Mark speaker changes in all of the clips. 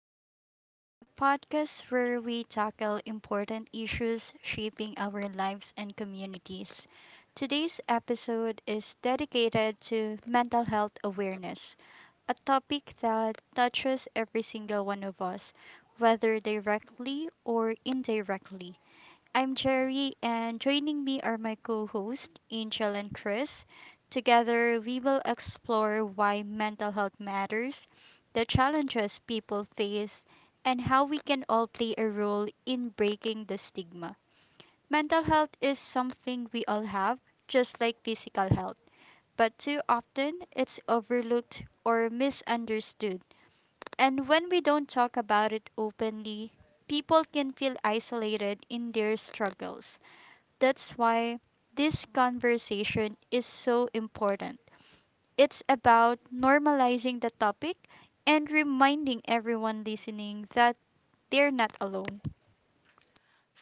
Speaker 1: Change, the podcast where we tackle important issues shaping our lives and communities. Today's episode is dedicated to mental health awareness, a topic that touches every single one of us, whether directly or indirectly. I'm Cherry, and joining me are my co hosts, Angel and Chris. Together, we will explore why mental health matters, the challenges people face, and how we can all play a role in breaking the stigma. Mental health is something we all have, just like physical health, but too often it's overlooked or misunderstood. And when we don't talk about it openly, people can feel isolated in their struggles. That's why this conversation is so important. It's about normalizing the topic and reminding everyone listening that they're not alone.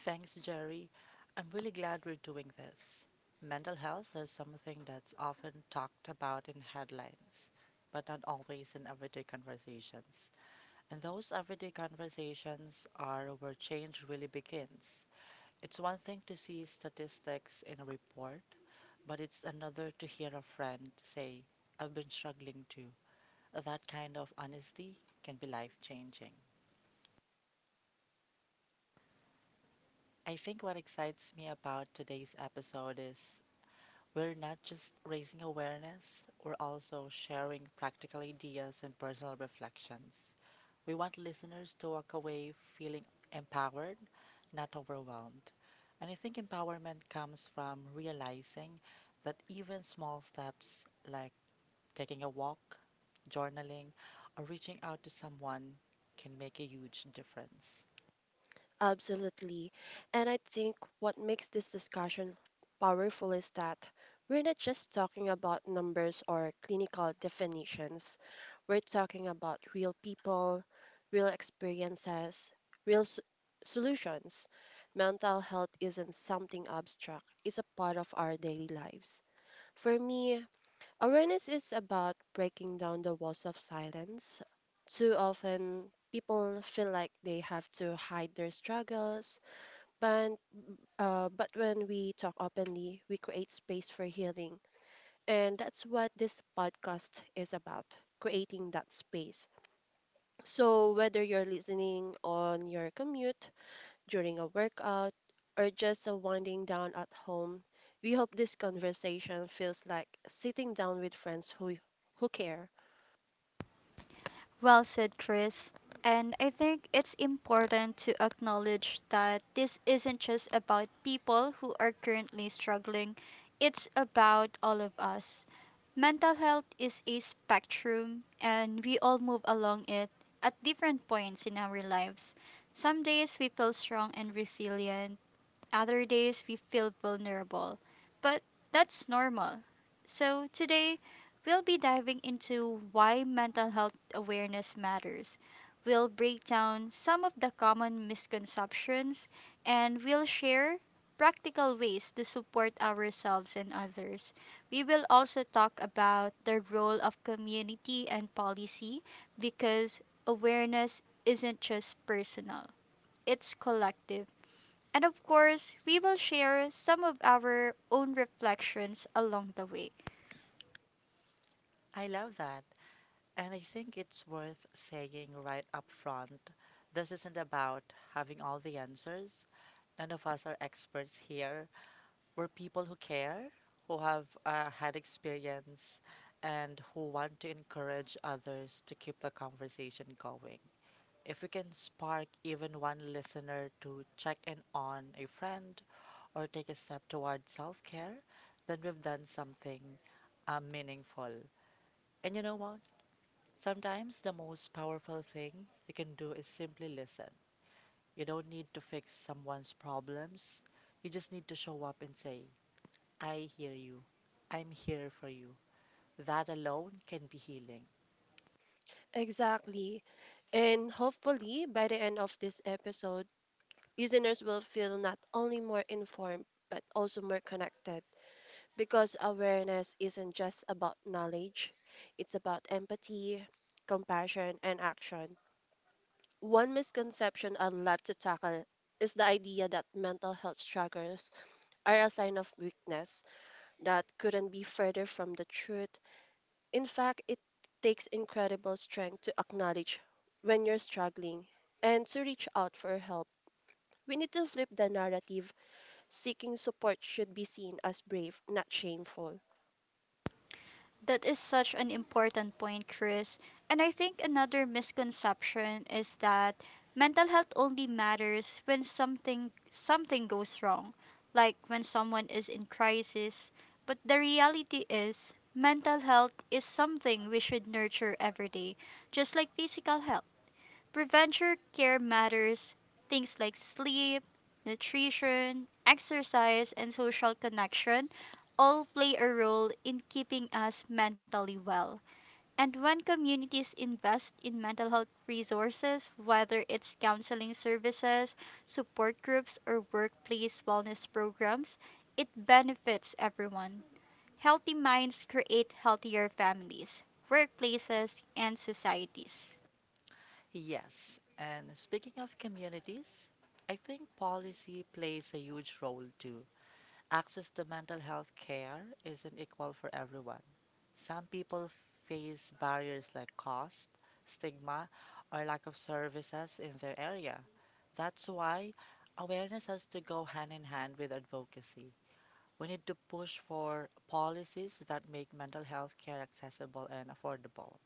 Speaker 2: Thanks, Jerry. I'm really glad we're doing this. Mental health is something that's often talked about in headlines, but not always in everyday conversations. And those everyday conversations are where change really begins. It's one thing to see statistics in a report, but it's another to hear a friend say, I've been struggling too. That kind of honesty can be life changing. I think what excites me about today's episode is we're not just raising awareness, we're also sharing practical ideas and personal reflections. We want listeners to walk away feeling empowered, not overwhelmed. And I think empowerment comes from realizing that even small steps like taking a walk, journaling, or reaching out to someone can make a huge difference.
Speaker 3: Absolutely. And I think what makes this discussion powerful is that we're not just talking about numbers or clinical definitions. We're talking about real people, real experiences, real s- solutions. Mental health isn't something abstract, it's a part of our daily lives. For me, awareness is about breaking down the walls of silence. Too often, people feel like they have to hide their struggles, but but when we talk openly, we create space for healing, and that's what this podcast is about: creating that space. So whether you're listening on your commute, during a workout, or just winding down at home, we hope this conversation feels like sitting down with friends who care.
Speaker 1: Well said, Chris. And I think it's important to acknowledge that this isn't just about people who are currently struggling, it's about all of us. Mental health is a spectrum, and we all move along it at different points in our lives. Some days we feel strong and resilient, other days we feel vulnerable, but that's normal. So today we'll be diving into why mental health awareness matters. We'll break down some of the common misconceptions and we'll share practical ways to support ourselves and others. We will also talk about the role of community and policy because awareness isn't just personal, it's collective, and of course, we will share some of our own reflections along the way.
Speaker 2: I love that. And I think it's worth saying right up front, this isn't about having all the answers. None of us are experts here. We're people who care, who have had experience, and who want to encourage others to keep the conversation going. If we can spark even one listener to check in on a friend or take a step toward self care, then we've done something meaningful. And you know what? Sometimes the most powerful thing you can do is simply listen. You don't need to fix someone's problems. You just need to show up and say, I hear you. I'm here for you. That alone can be healing.
Speaker 3: Exactly. And hopefully, by the end of this episode, listeners will feel not only more informed, but also more connected. Because awareness isn't just about knowledge, it's about empathy, compassion, and action. One misconception I'd love to tackle is the idea that mental health struggles are a sign of weakness that couldn't be further from the truth. In fact, it takes incredible strength to acknowledge when you're struggling and to reach out for help. We need to flip the narrative. Seeking support should be seen as brave, not shameful.
Speaker 1: That is such an important point, Chris. And I think another misconception is that mental health only matters when something goes wrong, like when someone is in crisis. But the reality is mental health is something we should nurture every day, just like physical health. Prevention care matters, things like sleep, nutrition, exercise, and social connection all play a role in keeping us mentally well. And when communities invest in mental health resources, whether it's counseling services, support groups, or workplace wellness programs, it benefits everyone. Healthy minds create healthier families, workplaces, and societies.
Speaker 2: Yes, and speaking of communities, I think policy plays a huge role too. Access to mental health care isn't equal for everyone. Some people face barriers like cost, stigma, or lack of services in their area. That's why awareness has to go hand in hand with advocacy. We need to push for policies that make mental health care accessible and affordable.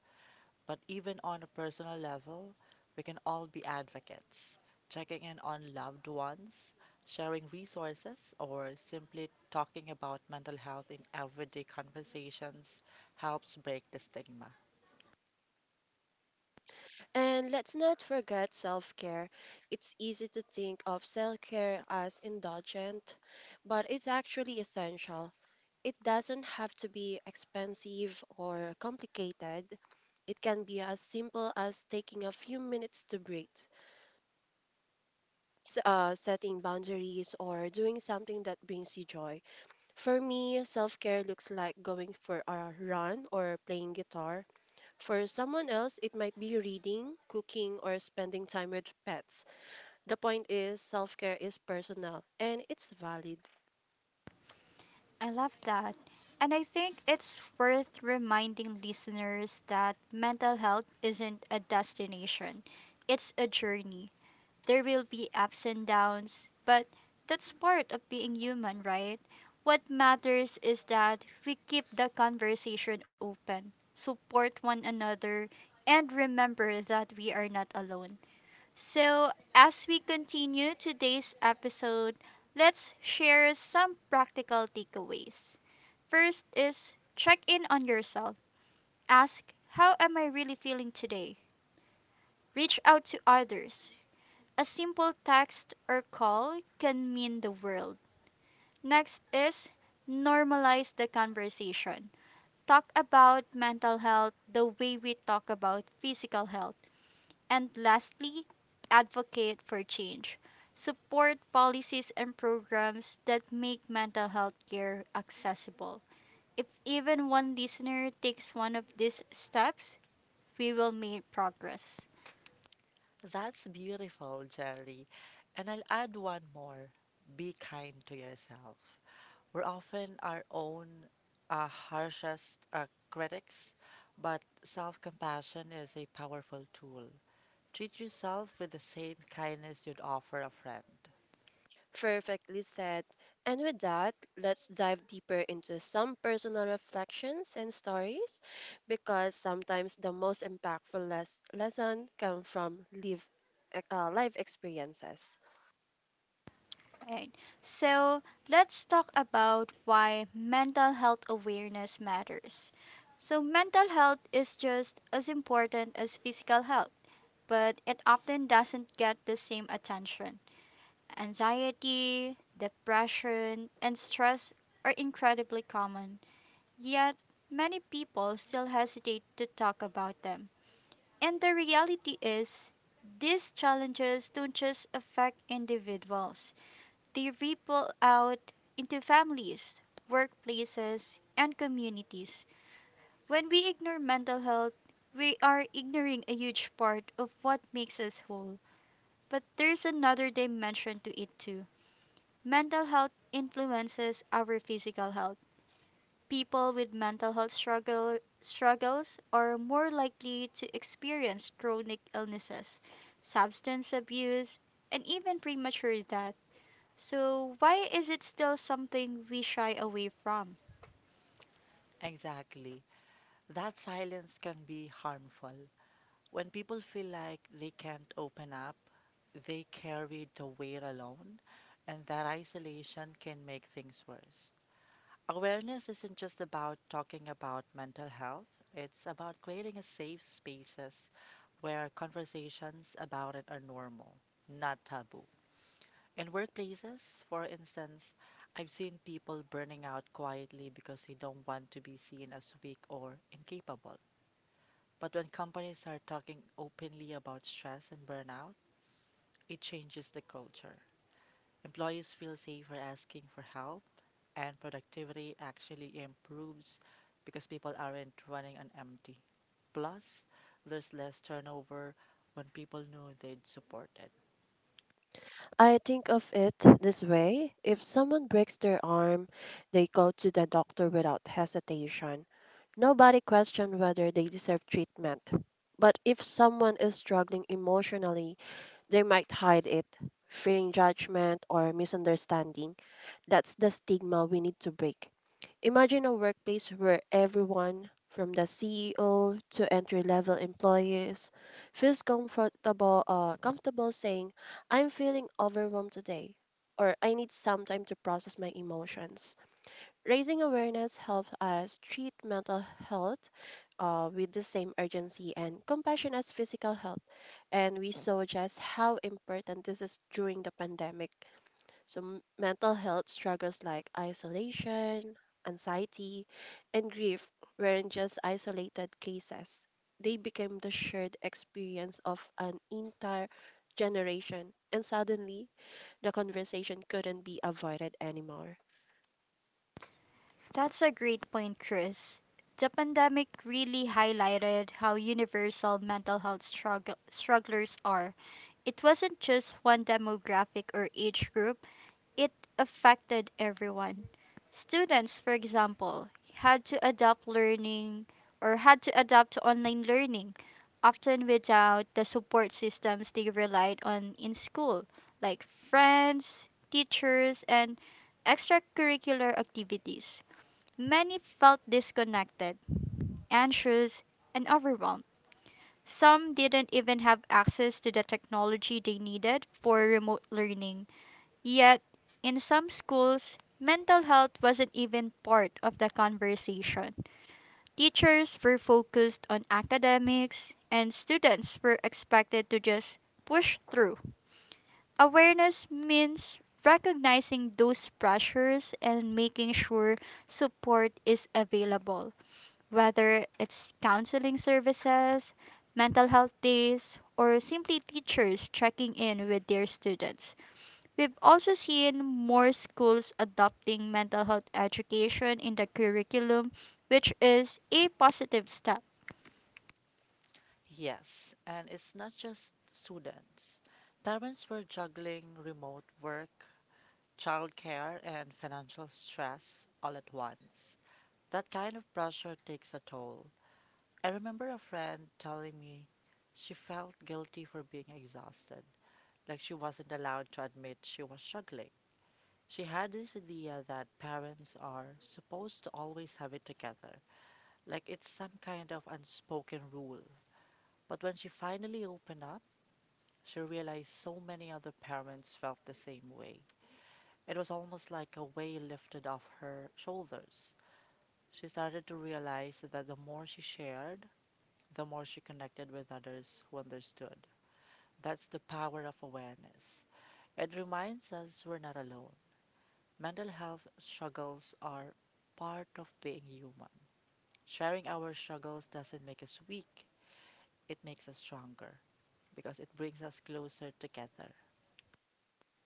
Speaker 2: But even on a personal level, we can all be advocates, checking in on loved ones, sharing resources, or simply talking about mental health in everyday conversations helps break the stigma.
Speaker 3: And let's not forget self care. It's easy to think of self care as indulgent, but it's actually essential. It doesn't have to be expensive or complicated. It can be as simple as taking a few minutes to breathe, setting boundaries or doing something that brings you joy. For me, self care looks like going for a run or playing guitar. For someone else, it might be reading, cooking, or spending time with pets. The point is, self care is personal and it's valid.
Speaker 1: I love that. And I think it's worth reminding listeners that mental health isn't a destination, it's a journey. There will be ups and downs, but that's part of being human, right? What matters is that we keep the conversation open, support one another, and remember that we are not alone. So, as we continue today's episode, let's share some practical takeaways. First is check in on yourself. Ask, how am I really feeling today? Reach out to others. A simple text or call can mean the world. Next is normalize the conversation. Talk about mental health the way we talk about physical health. And lastly, advocate for change. Support policies and programs that make mental health care accessible. If even one listener takes one of these steps, we will make progress.
Speaker 2: That's beautiful, Jerry. And I'll add one more: be kind to yourself. We're often our own harshest critics, but self compassion is a powerful tool. Treat yourself with the same kindness you'd offer a friend.
Speaker 3: Perfectly said. And with that, let's dive deeper into some personal reflections and stories because sometimes the most impactful lesson come from life experiences.
Speaker 1: Right. So let's talk about why mental health awareness matters. So mental health is just as important as physical health, but it often doesn't get the same attention. Anxiety, depression, and stress are incredibly common, yet many people still hesitate to talk about them. And the reality is, these challenges don't just affect individuals, they ripple out into families, workplaces, and communities. When we ignore mental health, we are ignoring a huge part of what makes us whole. But there's another dimension to it too. Mental health influences our physical health. People with struggles are more likely to experience chronic illnesses, substance abuse, and even premature death. So, why is it still something we shy away from?
Speaker 2: Exactly. That silence can be harmful. When people feel like they can't open up, they carry the weight alone, and that isolation can make things worse. Awareness isn't just about talking about mental health, it's about creating a safe spaces where conversations about it are normal, not taboo. In workplaces, for instance, I've seen people burning out quietly because they don't want to be seen as weak or incapable. But when companies are talking openly about stress and burnout, it changes the culture. Employees feel safer asking for help, and productivity actually improves because people aren't running on empty. Plus, there's less turnover when people know they'd supported.
Speaker 3: I think of it this way: if someone breaks their arm, they go to the doctor without hesitation. Nobody questions whether they deserve treatment. But if someone is struggling emotionally, they might hide it, fearing judgment or misunderstanding. That's the stigma we need to break. Imagine a workplace where everyone, from the CEO to entry level employees, feels comfortable saying, I'm feeling overwhelmed today, or I need some time to process my emotions. Raising awareness helps us treat mental health with the same urgency and compassion as physical health. And we saw just how important this is during the pandemic. So, mental health struggles like isolation, anxiety, and grief weren't just isolated cases, they became the shared experience of an entire generation. And suddenly, the conversation couldn't be avoided anymore.
Speaker 1: That's a great point, Chris. The pandemic really highlighted how universal strugglers are. It wasn't just one demographic or age group, it affected everyone. Students, for example, had to adapt learning had to adapt to online learning, often without the support systems they relied on in school, like friends, teachers, and extracurricular activities. Many felt disconnected, anxious, and overwhelmed. Some didn't even have access to the technology they needed for remote learning. Yet, in some schools, mental health wasn't even part of the conversation. Teachers were focused on academics, and students were expected to just push through. Awareness means recognizing those pressures and making sure support is available, whether it's counseling services, mental health days, or simply teachers checking in with their students. We've also seen more schools adopting mental health education in the curriculum, which is a positive step.
Speaker 2: Yes, and it's not just students. Parents were juggling remote work, childcare, and financial stress all at once. That kind of pressure takes a toll. I remember a friend telling me she felt guilty for being exhausted, like she wasn't allowed to admit she was struggling. She had this idea that parents are supposed to always have it together, like it's some kind of unspoken rule. But when she finally opened up, she realized so many other parents felt the same way. It was almost like a weight lifted off her shoulders. She started to realize that the more she shared, the more she connected with others who understood. That's the power of awareness. It reminds us we're not alone. Mental health struggles are part of being human. Sharing our struggles doesn't make us weak, it makes us stronger because it brings us closer together.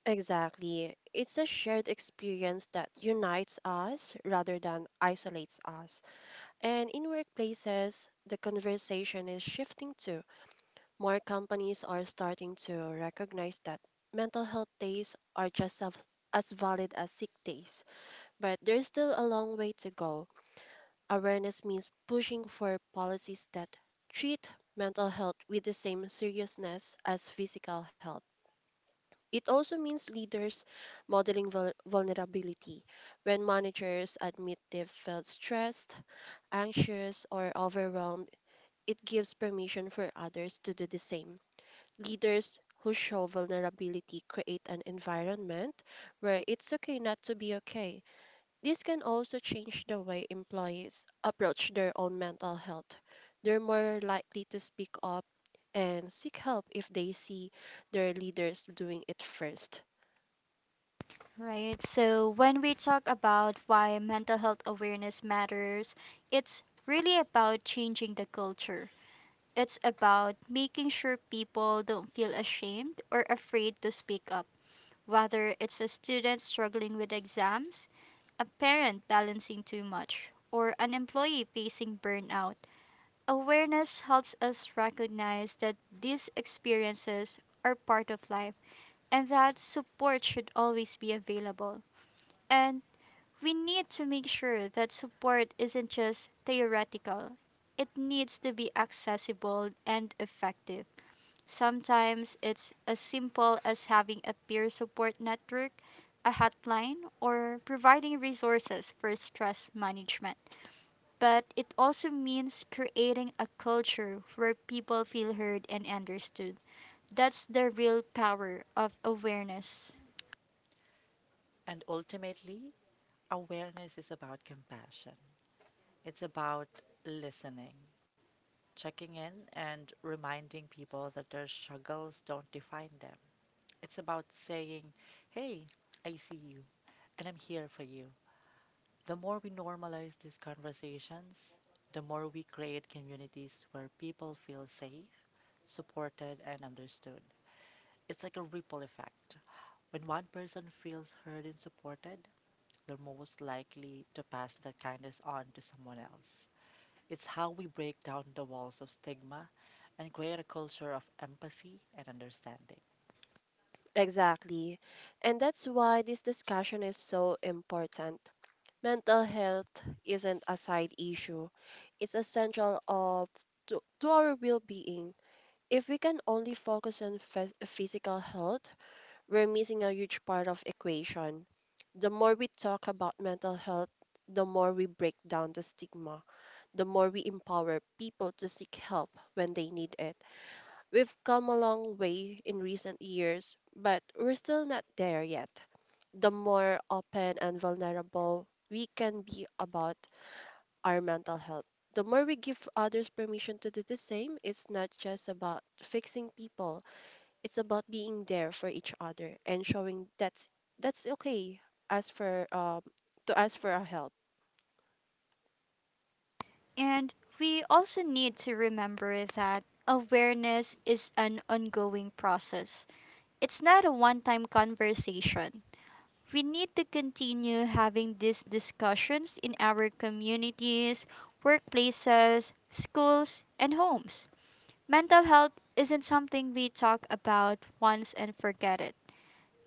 Speaker 3: Exactly. It's a shared experience that unites us rather than isolates us. And in workplaces, the conversation is shifting too. More companies are starting to recognize that mental health days are just as valid as sick days. But there's still a long way to go. Awareness means pushing for policies that treat mental health with the same seriousness as physical health. It also means leaders modeling vulnerability. When managers admit they've felt stressed, anxious, or overwhelmed, it gives permission for others to do the same. Leaders who show vulnerability create an environment where it's okay not to be okay. This can also change the way employees approach their own mental health. They're more likely to speak up and seek help if they see their leaders doing it first.
Speaker 1: Right? So, when we talk about why mental health awareness matters, it's really about changing the culture. It's about making sure people don't feel ashamed or afraid to speak up, whether it's a student struggling with exams, a parent balancing too much, or an employee facing burnout. Awareness helps us recognize that these experiences are part of life and that support should always be available. And we need to make sure that support isn't just theoretical, it needs to be accessible and effective. Sometimes it's as simple as having a peer support network, a hotline, or providing resources for stress management, but it also means creating a culture where people feel heard and understood. That's the real power of awareness.
Speaker 2: And ultimately, awareness is about compassion. It's about listening, checking in, and reminding people that their struggles don't define them. It's about saying, Hey, I see you, and I'm here for you. The more we normalize these conversations, the more we create communities where people feel safe, supported, and understood. It's like a ripple effect. When one person feels heard and supported, they're most likely to pass that kindness on to someone else. It's how we break down the walls of stigma and create a culture of empathy and understanding.
Speaker 3: Exactly. And that's why this discussion is so important. Mental health isn't a side issue. It's essential to our well-being. If we can only focus on physical health, we're missing a huge part of equation. The more we talk about mental health, the more we break down the stigma, the more we empower people to seek help when they need it. We've come a long way in recent years, but we're still not there yet. The more open and vulnerable we can be about our mental health, the more we give others permission to do the same. It's not just about fixing people. It's about being there for each other and showing that's okay as for to ask for our help.
Speaker 1: And we also need to remember that awareness is an ongoing process, it's not a one time conversation. We need to continue having these discussions in our communities, workplaces, schools, and homes. Mental health isn't something we talk about once and forget it.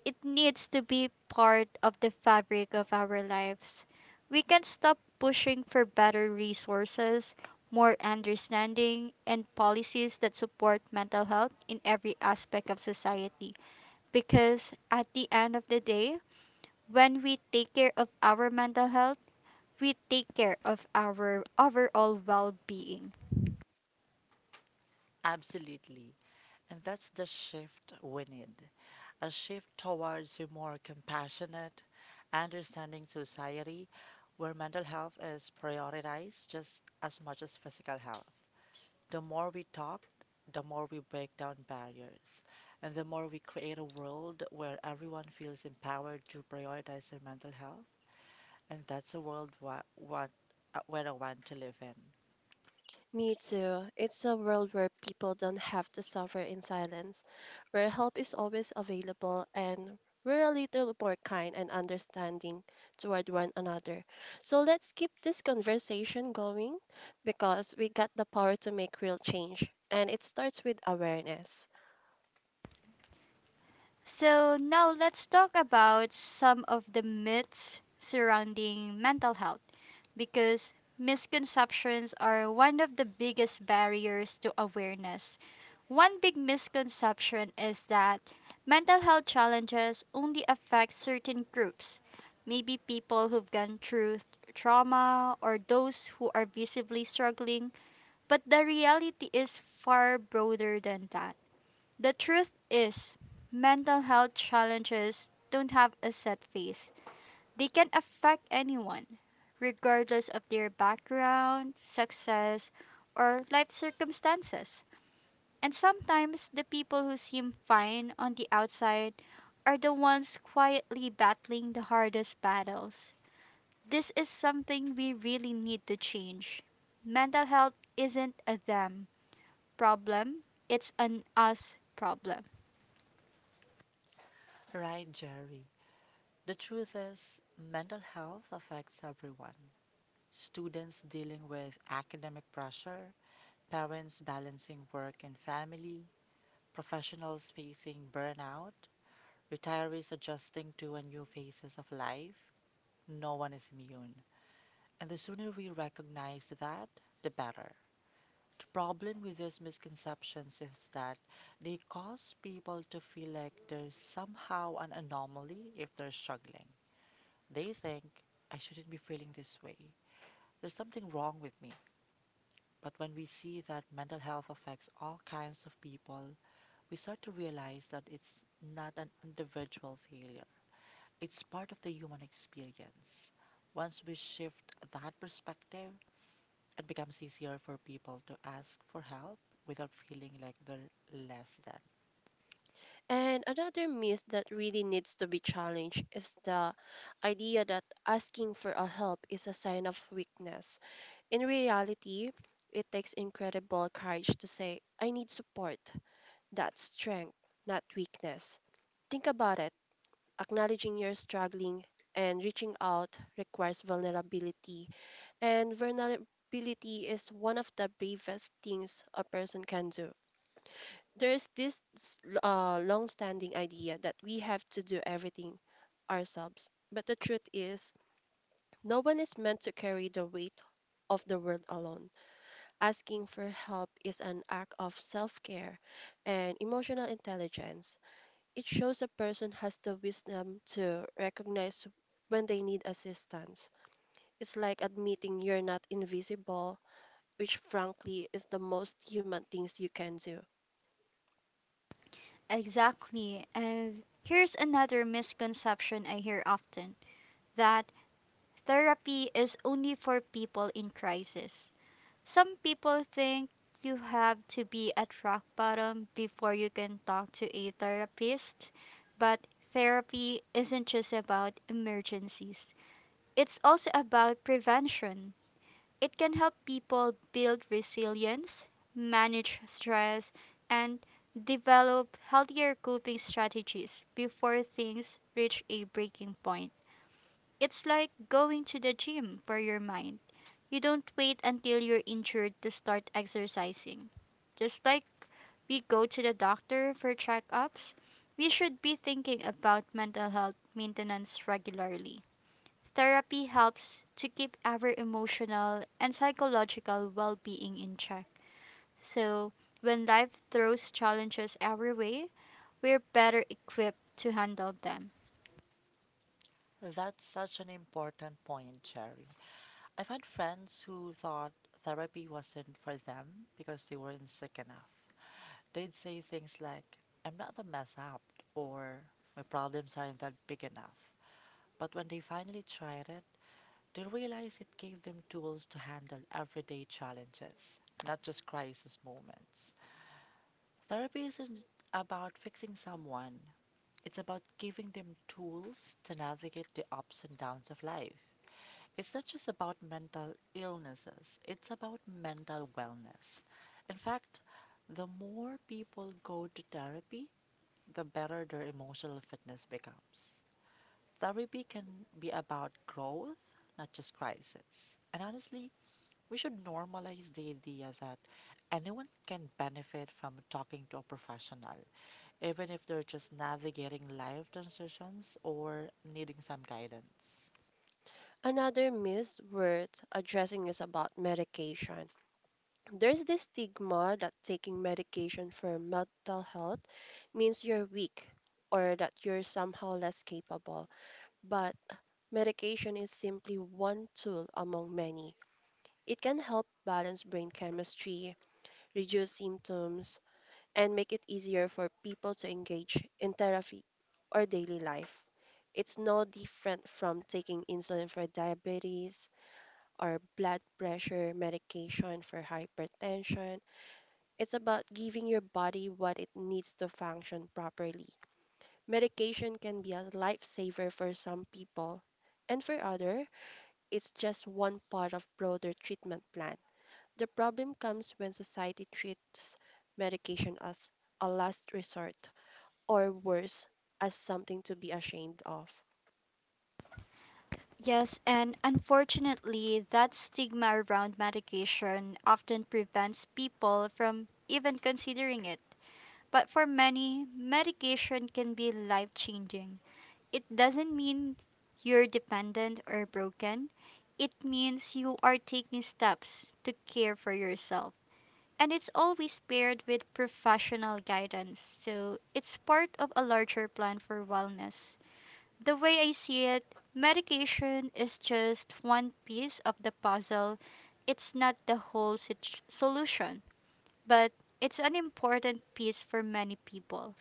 Speaker 1: It needs to be part of the fabric of our lives. We can stop pushing for better resources, more understanding, and policies that support mental health in every aspect of society. Because at the end of the day, when we take care of our mental health, we take care of our overall well being.
Speaker 2: Absolutely. And that's the shift we need, a shift towards a more compassionate, understanding society where mental health is prioritized just as much as physical health. The more we talk, the more we break down barriers, and the more we create a world where everyone feels empowered to prioritize their mental health. And that's a world where I want to live in.
Speaker 3: Me too. It's a world where people don't have to suffer in silence, where help is always available, and we're a little more kind and understanding toward one another. So let's keep this conversation going because we got the power to make real change, and it starts with awareness.
Speaker 1: So, now let's talk about some of the myths surrounding mental health, because misconceptions are one of the biggest barriers to awareness. One big misconception is that mental health challenges only affect certain groups, maybe people who've gone through trauma or those who are visibly struggling, but the reality is far broader than that. The truth is, mental health challenges don't have a set face. They can affect anyone, regardless of their background, success, or life circumstances. And sometimes the people who seem fine on the outside are the ones quietly battling the hardest battles. This is something we really need to change. Mental health isn't a them problem, it's an us problem.
Speaker 2: Right, Jerry? The truth is, mental health affects everyone. Students dealing with academic pressure, parents balancing work and family, professionals facing burnout, retirees adjusting to a new phases of life. No one is immune. And the sooner we recognize that, the better. The problem with these misconceptions is that they cause people to feel like they're somehow an anomaly if they're struggling. They think, I shouldn't be feeling this way. There's something wrong with me. But when we see that mental health affects all kinds of people, we start to realize that it's not an individual failure, it's part of the human experience. Once we shift that perspective, it becomes easier for people to ask for help without feeling like they're less than.
Speaker 3: And another myth that really needs to be challenged is the idea that asking for a help is a sign of weakness. In reality, it takes incredible courage to say, I need support. That's strength, not weakness. Think about it. Acknowledging you're struggling and reaching out requires vulnerability, and vulnerability is one of the bravest things a person can do. There is this long standing idea that we have to do everything ourselves, but the truth is, no one is meant to carry the weight of the world alone. Asking for help is an act of self care and emotional intelligence. It shows a person has the wisdom to recognize when they need assistance. It's like admitting you're not invisible, which frankly is the most human things you can do.
Speaker 1: Exactly. And here's another misconception I hear often, that therapy is only for people in crisis. Some people think you have to be at rock bottom before you can talk to a therapist, but therapy isn't just about emergencies, it's also about prevention. It can help people build resilience, manage stress, and develop healthier coping strategies before things reach a breaking point. It's like going to the gym for your mind, you don't wait until you're injured to start exercising. Just like we go to the doctor for checkups, we should be thinking about mental health maintenance regularly. Therapy helps to keep our emotional and psychological well being in check. So, when life throws challenges our way, we're better equipped to handle them.
Speaker 2: That's such an important point, Cherry. I've had friends who thought therapy wasn't for them because they weren't sick enough. They'd say things like, I'm not the mess up, or my problems aren't that big enough. But when they finally tried it, they realized it gave them tools to handle everyday challenges, not just crisis moments. Therapy isn't about fixing someone, it's about giving them tools to navigate the ups and downs of life. It's not just about mental illnesses, it's about mental wellness. In fact, the more people go to therapy, the better their emotional fitness becomes. Therapy can be about growth, not just crisis. And honestly, we should normalize the idea that anyone can benefit from talking to a professional even if they're just navigating life transitions or needing some guidance.
Speaker 3: Another myth worth addressing is about medication. There's this stigma that taking medication for mental health means you're weak or that you're somehow less capable. But medication is simply one tool among many. It can help balance brain chemistry, reduce symptoms, and make it easier for people to engage in therapy or daily life. It's no different from taking insulin for diabetes or blood pressure medication for hypertension. It's about giving your body what it needs to function properly. Medication can be a lifesaver for some people, and for others, is just one part of broader treatment plan. The problem comes when society treats medication as a last resort or worse, as something to be ashamed of.
Speaker 1: Yes, and unfortunately, that stigma around medication often prevents people from even considering it. But for many, medication can be life changing. It doesn't mean you're dependent or broken, it means you are taking steps to care for yourself. And it's always paired with professional guidance, so it's part of a larger plan for wellness. The way I see it, medication is just one piece of the puzzle. It's not the whole solution, but it's an important piece for many people.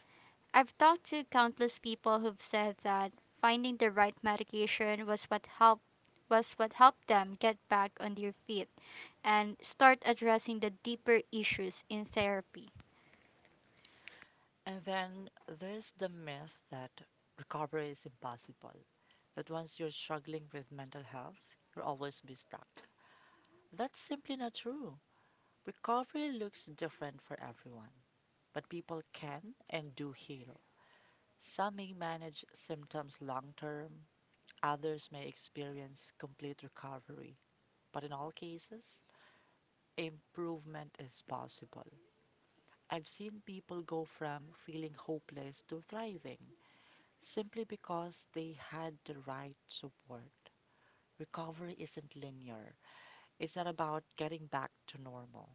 Speaker 1: I've talked to countless people who've said that finding the right medication was what helped them get back on their feet and start addressing the deeper issues in therapy.
Speaker 2: And then there's the myth that recovery is impossible, that once you're struggling with mental health, you'll always be stuck. That's simply not true. Recovery looks different for everyone, but people can and do heal. Some may manage symptoms long term, others may experience complete recovery, but in all cases, improvement is possible. I've seen people go from feeling hopeless to thriving simply because they had the right support. Recovery isn't linear, it's not about getting back to normal.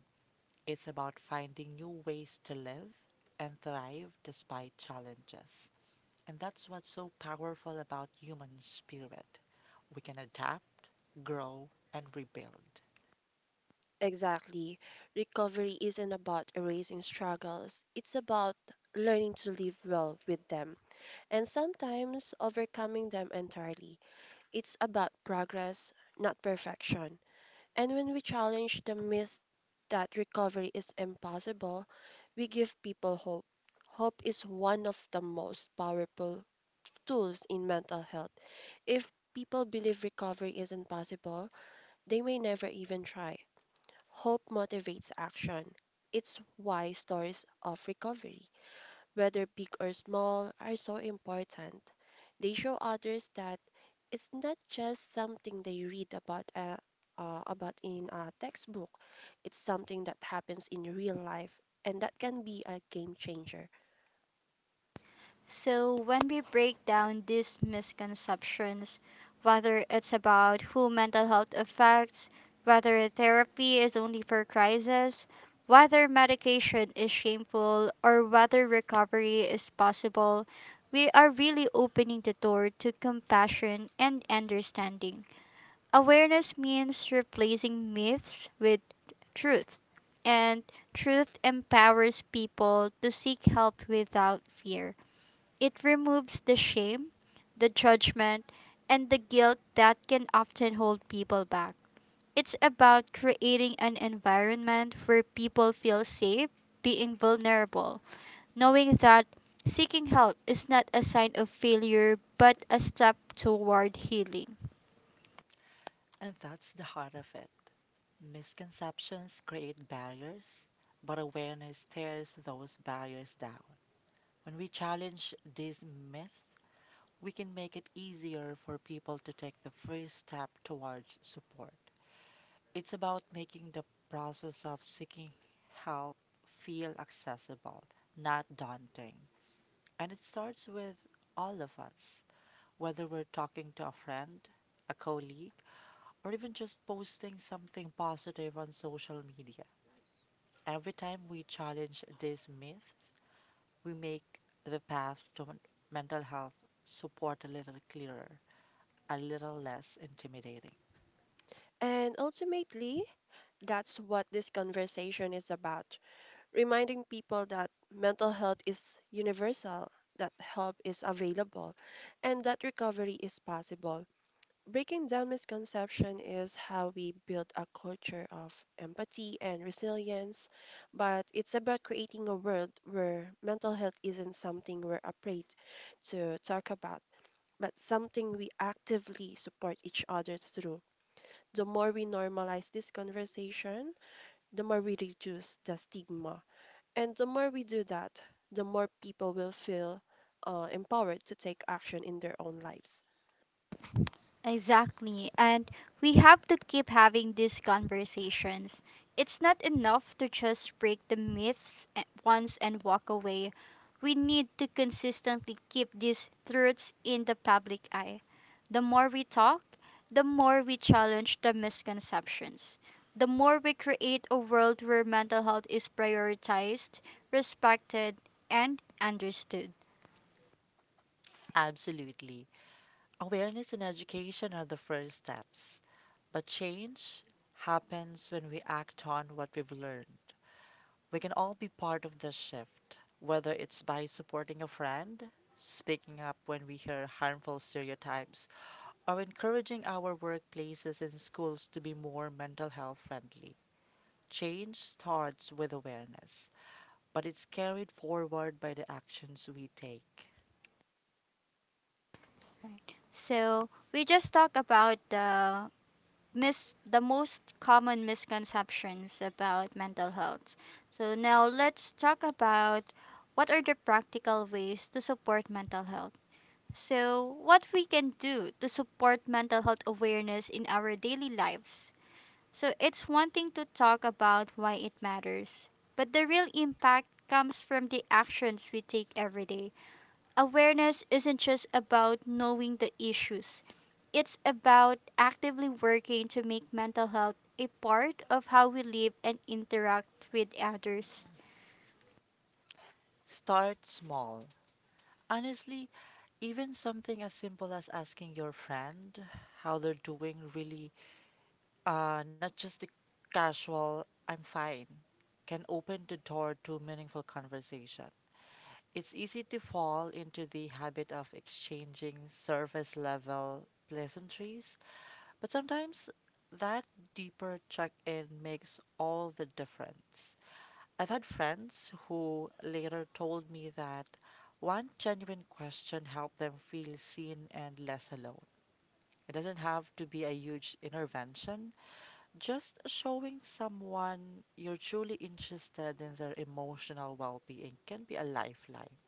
Speaker 2: It's about finding new ways to live and thrive despite challenges. And that's what's so powerful about human spirit. We can adapt, grow, and rebuild.
Speaker 3: Exactly. Recovery isn't about erasing struggles. It's about learning to live well with them and sometimes overcoming them entirely. It's about progress, not perfection. And when we challenge the myth that recovery is impossible, we give people hope. Hope is one of the most powerful tools in mental health. If people believe recovery isn't possible, they may never even try. Hope motivates action. It's why stories of recovery, whether big or small, are so important. They show others that it's not just something they read about in a textbook. It's something that happens in real life, and that can be a game changer.
Speaker 1: So, when we break down these misconceptions, whether it's about who mental health affects, whether therapy is only for crisis, whether medication is shameful, or whether recovery is possible, we are really opening the door to compassion and understanding. Awareness means replacing myths with truth, and truth empowers people to seek help without fear. It removes the shame, the judgment, and the guilt that can often hold people back. It's about creating an environment where people feel safe being vulnerable, knowing that seeking help is not a sign of failure but a step toward healing.
Speaker 2: And that's the heart of it. Misconceptions create barriers, but awareness tears those barriers down. When we challenge these myths, we can make it easier for people to take the first step towards support. It's about making the process of seeking help feel accessible, not daunting. And it starts with all of us, whether we're talking to a friend, a colleague, or even just posting something positive on social media. Every time we challenge these myths, we make the path to mental health support a little clearer, a little less intimidating.
Speaker 3: And ultimately, that's what this conversation is about: reminding people that mental health is universal, that help is available, and that recovery is possible. Breaking down misconception is how we build a culture of empathy and resilience, but it's about creating a world where mental health isn't something we're afraid to talk about, but something we actively support each other through. The more we normalize this conversation, the more we reduce the stigma. And the more we do that, the more people will feel empowered to take action in their own lives.
Speaker 1: Exactly. And we have to keep having these conversations. It's not enough to just break the once and walk away. We need to consistently keep these truths in the public eye. The more we talk, the more we challenge the misconceptions. The more we create a world where mental health is prioritized, respected, and understood.
Speaker 2: Absolutely. Awareness and education are the first steps, but change happens when we act on what we've learned. We can all be part of this shift, whether it's by supporting a friend, speaking up when we hear harmful stereotypes, are encouraging our workplaces and schools to be more mental health friendly. Change starts with awareness, but it's carried forward by the actions we take.
Speaker 1: Right. So we just talk about the most common misconceptions about mental health. So now let's talk about what are the practical ways to support mental health. So what we can do to support mental health awareness in our daily lives. So it's one thing to talk about why it matters, but the real impact comes from the actions we take every day. Awareness isn't just about knowing the issues, it's about actively working to make mental health a part of how we live and interact with others.
Speaker 2: Start small. Honestly, even something as simple as asking your friend how they're doing really, not just the casual, I'm fine, can open the door to meaningful conversation. It's easy to fall into the habit of exchanging surface level pleasantries, but sometimes that deeper check in makes all the difference. I've had friends who later told me that one genuine question helped them feel seen and less alone. It doesn't have to be a huge intervention, just showing someone you're truly interested in their emotional well being can be a lifeline.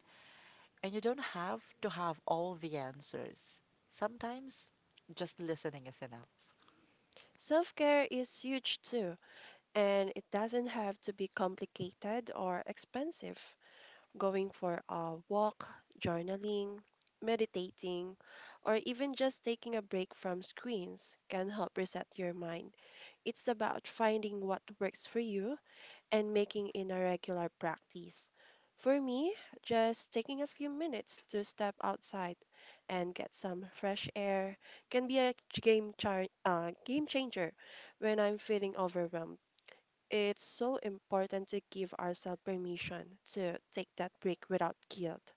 Speaker 2: And you don't have to have all the answers. Sometimes just listening is enough.
Speaker 3: Self care is huge too and it doesn't have to be complicated or expensive. Going for a walk, journaling, meditating, or even just taking a break from screens can help reset your mind. It's about finding what works for you and making it a regular practice. For me, just taking a few minutes to step outside and get some fresh air can be a game changer when I'm feeling overwhelmed. It's so important to give ourselves permission to take that break without guilt.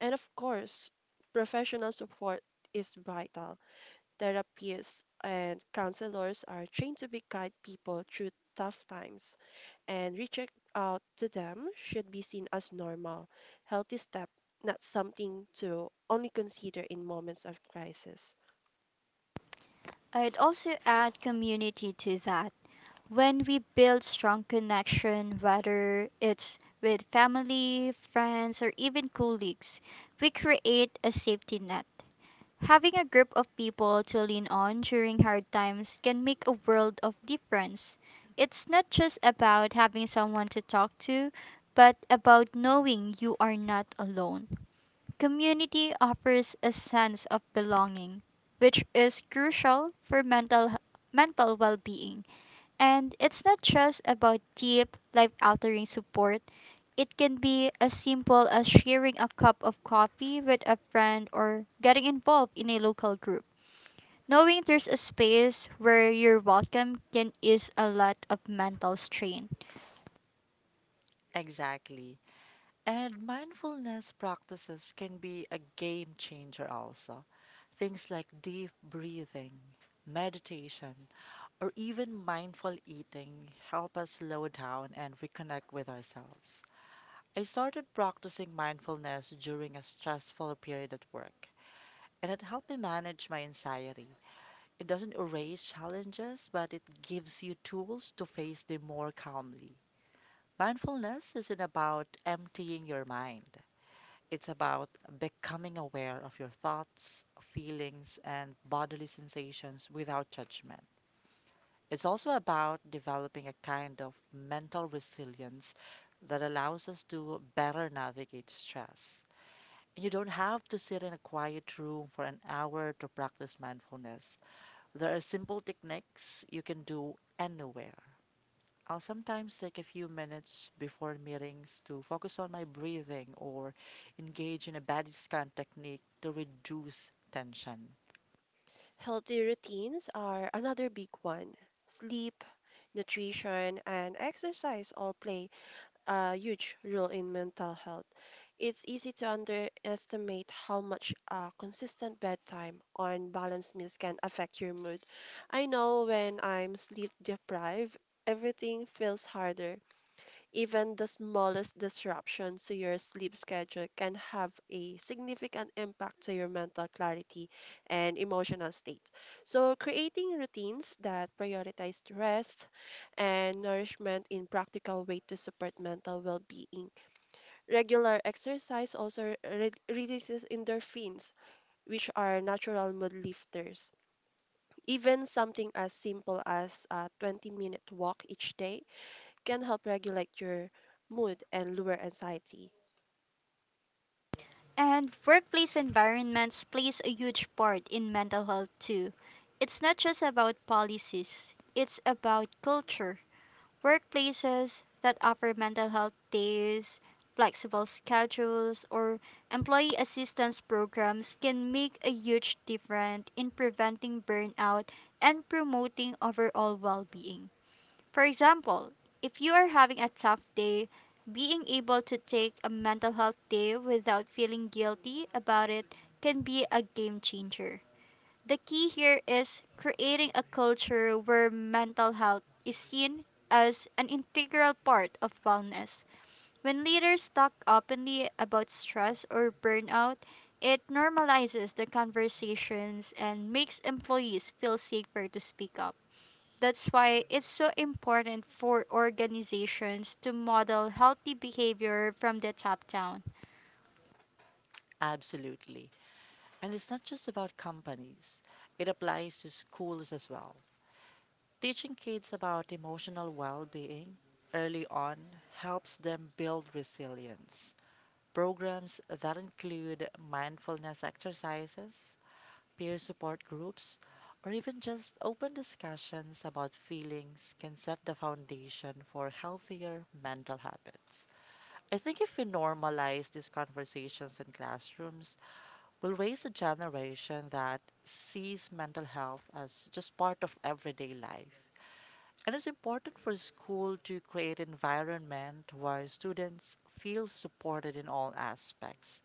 Speaker 3: And of course, professional support is vital. Therapists and counselors are trained to be guide people through tough times, and reaching out to them should be seen as normal, healthy step, not something to only consider in moments of crisis.
Speaker 1: I'd also add community to that. When we build strong connection, whether it's with family, friends, or even colleagues, we create a safety net. Having a group of people to lean on during hard times can make a world of difference. It's not just about having someone to talk to, but about knowing you are not alone. Community offers a sense of belonging, which is crucial for mental well-being. And it's not just about deep, life-altering support. It can be as simple as sharing a cup of coffee with a friend or getting involved in a local group. Knowing there's a space where you're welcome can ease a lot of mental strain.
Speaker 2: Exactly. And mindfulness practices can be a game changer also. Things like deep breathing, meditation, or even mindful eating help us slow down and reconnect with ourselves. I started practicing mindfulness during a stressful period at work, and it helped me manage my anxiety. It doesn't erase challenges, but it gives you tools to face them more calmly. Mindfulness isn't about emptying your mind, it's about becoming aware of your thoughts, feelings, and bodily sensations without judgment. It's also about developing a kind of mental resilience that allows us to better navigate stress. You don't have to sit in a quiet room for an hour to practice mindfulness. There are simple techniques you can do anywhere. I'll sometimes take a few minutes before meetings to focus on my breathing or engage in a body scan technique to reduce tension.
Speaker 3: Healthy routines are another big one. Sleep, nutrition, and exercise all play a huge role in mental health. It's easy to underestimate how much a consistent bedtime or balanced meals can affect your mood. I know when I'm sleep deprived, everything feels harder even the smallest disruptions to your sleep schedule can have a significant impact to your mental clarity and emotional state. So, creating routines that prioritize rest and nourishment in practical way to support mental well-being. Regular exercise also releases endorphins, which are natural mood lifters. Even something as simple as a 20-minute walk each day can help regulate your mood and lower anxiety.
Speaker 1: And workplace environments plays a huge part in mental health too. It's not just about policies, it's about culture. Workplaces that offer mental health days, flexible schedules, or employee assistance programs can make a huge difference in preventing burnout and promoting overall well-being. For example, if you are having a tough day, being able to take a mental health day without feeling guilty about it can be a game changer. The key here is creating a culture where mental health is seen as an integral part of wellness. When leaders talk openly about stress or burnout, it normalizes the conversations and makes employees feel safer to speak up. That's why it's so important for organizations to model healthy behavior from the top down.
Speaker 2: Absolutely. And it's not just about companies, it applies to schools as well. Teaching kids about emotional well being early on helps them build resilience. Programs that include mindfulness exercises peer support groups, or even just open discussions about feelings can set the foundation for healthier mental habits. I think if we normalize these conversations in classrooms, we'll raise a generation that sees mental health as just part of everyday life. And it's important for school to create environment where students feel supported in all aspects,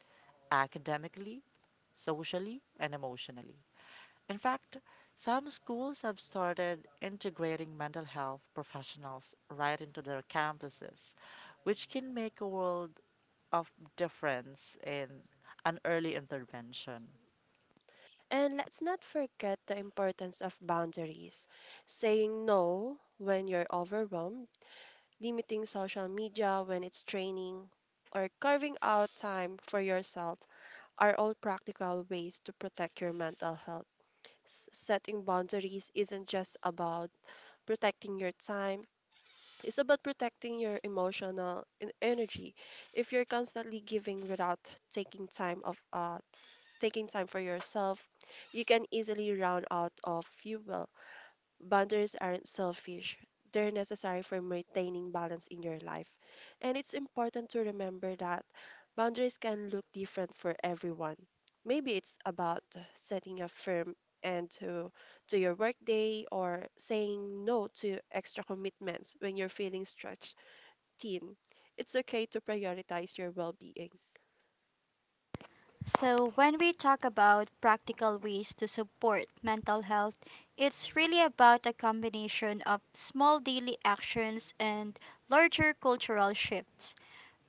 Speaker 2: academically, socially, and emotionally. In fact, some schools have started integrating mental health professionals right into their campuses, which can make a world of difference in an early intervention.
Speaker 3: And let's not forget the importance of boundaries. Saying no when you're overwhelmed, limiting social media when it's draining, or carving out time for yourself are all practical ways to protect your mental health. Setting boundaries isn't just about protecting your time, it's about protecting your emotional energy. If you're constantly giving without taking time of uh, taking time for yourself, you can easily run out of fuel. Boundaries aren't selfish, they're necessary for maintaining balance in your life. And it's important to remember that boundaries can look different for everyone. Maybe it's about setting a firm end to, to your workday or saying no to extra commitments when you're feeling stretched thin. It's okay to prioritize your well being.
Speaker 1: So, when we talk about practical ways to support mental health, it's really about a combination of small daily actions and larger cultural shifts.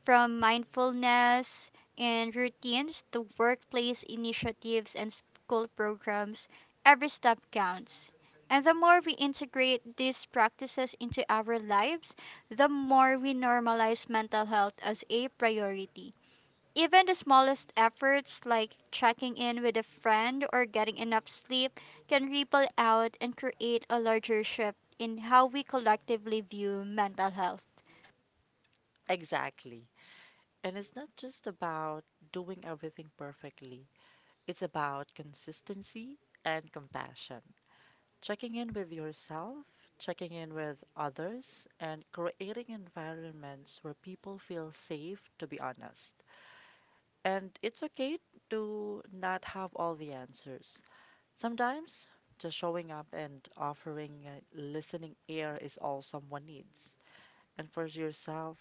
Speaker 1: From mindfulness and routines to workplace initiatives and school programs, every step counts. And the more we integrate these practices into our lives, the more we normalize mental health as a priority. Even the smallest efforts, like checking in with a friend or getting enough sleep, can ripple out and create a larger shift in how we collectively view mental health.
Speaker 2: Exactly. And it's not just about doing everything perfectly, it's about consistency and compassion. Checking in with yourself, checking in with others, and creating environments where people feel safe to be honest. And it's okay to not have all the answers. Sometimes just showing up and offering a listening ear is all someone needs. And for yourself,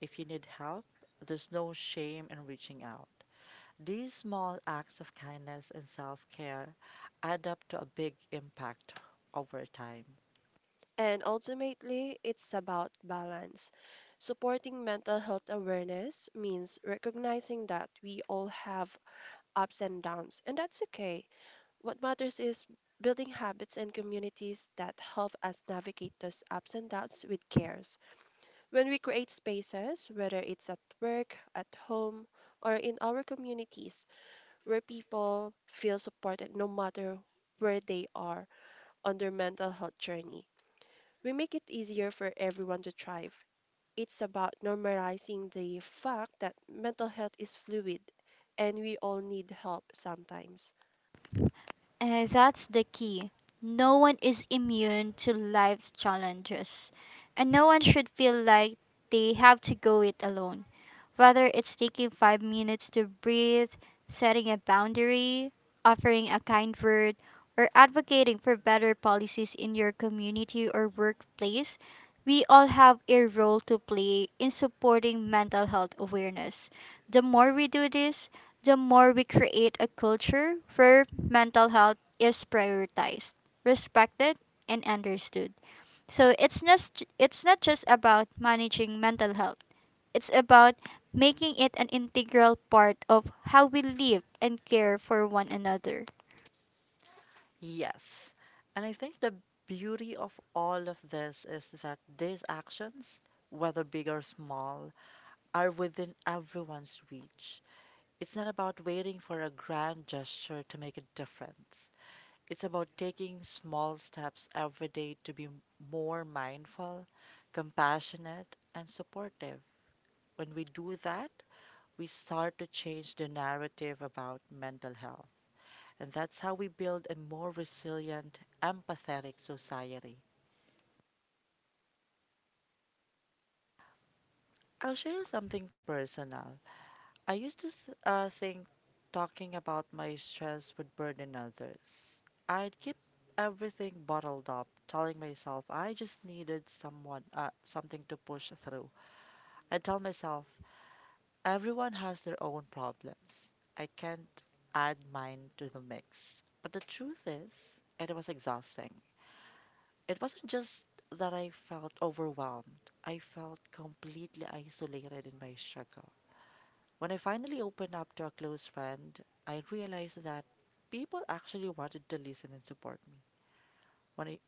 Speaker 2: if you need help, there's no shame in reaching out. These small acts of kindness and self care add up to a big impact over time.
Speaker 3: And ultimately, it's about balance. Supporting mental health awareness means recognizing that we all have ups and downs, and that's okay. What matters is building habits and communities that help us navigate those ups and downs with cares. When we create spaces, whether it's at work, at home, or in our communities, where people feel supported no matter where they are on their mental health journey, we make it easier for everyone to thrive. It's about normalizing the fact that mental health is fluid and we all need help sometimes.
Speaker 1: That's the key. No one is immune to life's challenges, and no one should feel like they have to go it alone. Whether it's taking 5 minutes to breathe, setting a boundary, offering a kind word, or advocating for better policies in your community or workplace, we all have a role to play in supporting mental health awareness. The more we do this, the more we create a culture where mental health is prioritized, respected, and understood. So it's not just about managing mental health. It's about making it an integral part of how we live and care for one another.
Speaker 2: Yes. And I think the beauty of all of this is that these actions, whether big or small, are within everyone's reach. It's not about waiting for a grand gesture to make a difference. It's about taking small steps every day to be more mindful, compassionate, and supportive. When we do that, we start to change the narrative about mental health. And that's how we build a more resilient, empathetic society. I'll share something personal. I used to think talking about my stress would burden others. I'd keep everything bottled up, telling myself I just needed someone, something to push through. I tell myself everyone has their own problems. I can't add mine to the mix. But the truth is, it was exhausting. It wasn't just that I felt overwhelmed. I felt completely isolated in my struggle. When I finally opened up to a close friend, I realized that people actually wanted to listen and support me. When I,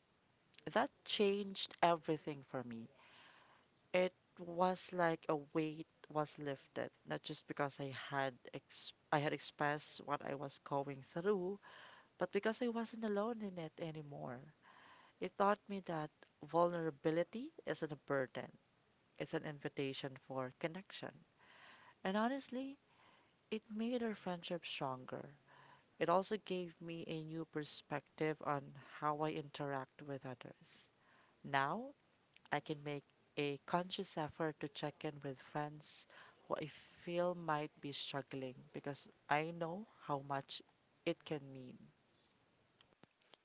Speaker 2: that changed everything for me. It was like a weight was lifted, not just because I had expressed what I was going through, but because I wasn't alone in it anymore. It taught me that vulnerability isn't a burden; it's an invitation for connection. And honestly, it made our friendship stronger. It also gave me a new perspective on how I interact with others. Now I can make a conscious effort to check in with friends who I feel might be struggling because I know how much it can mean.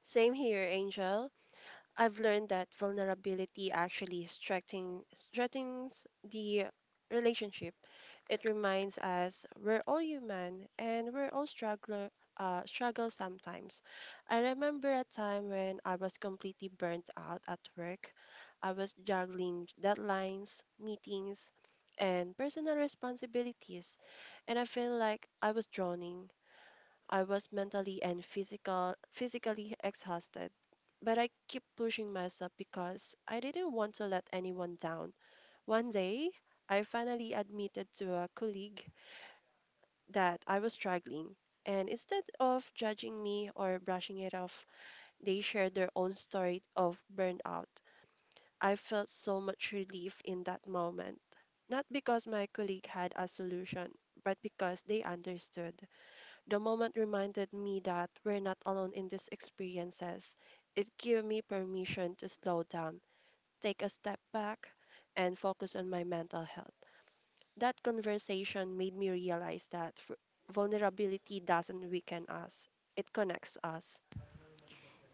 Speaker 3: Same here, Angel. I've learned that vulnerability actually strengthens the relationship. It reminds us we're all human and we're all struggle sometimes. I remember a time when I was completely burnt out at work. I was juggling deadlines, meetings, and personal responsibilities, and I feel like I was drowning. I was physically exhausted, but I kept pushing myself because I didn't want to let anyone down. One day, I finally admitted to a colleague that I was struggling. And instead of judging me or brushing it off, they shared their own story of burnout. I felt so much relief in that moment. Not because my colleague had a solution, but because they understood. The moment reminded me that we're not alone in these experiences. It gave me permission to slow down, take a step back, and focus on my mental health. That conversation made me realize that vulnerability doesn't weaken us, it connects us.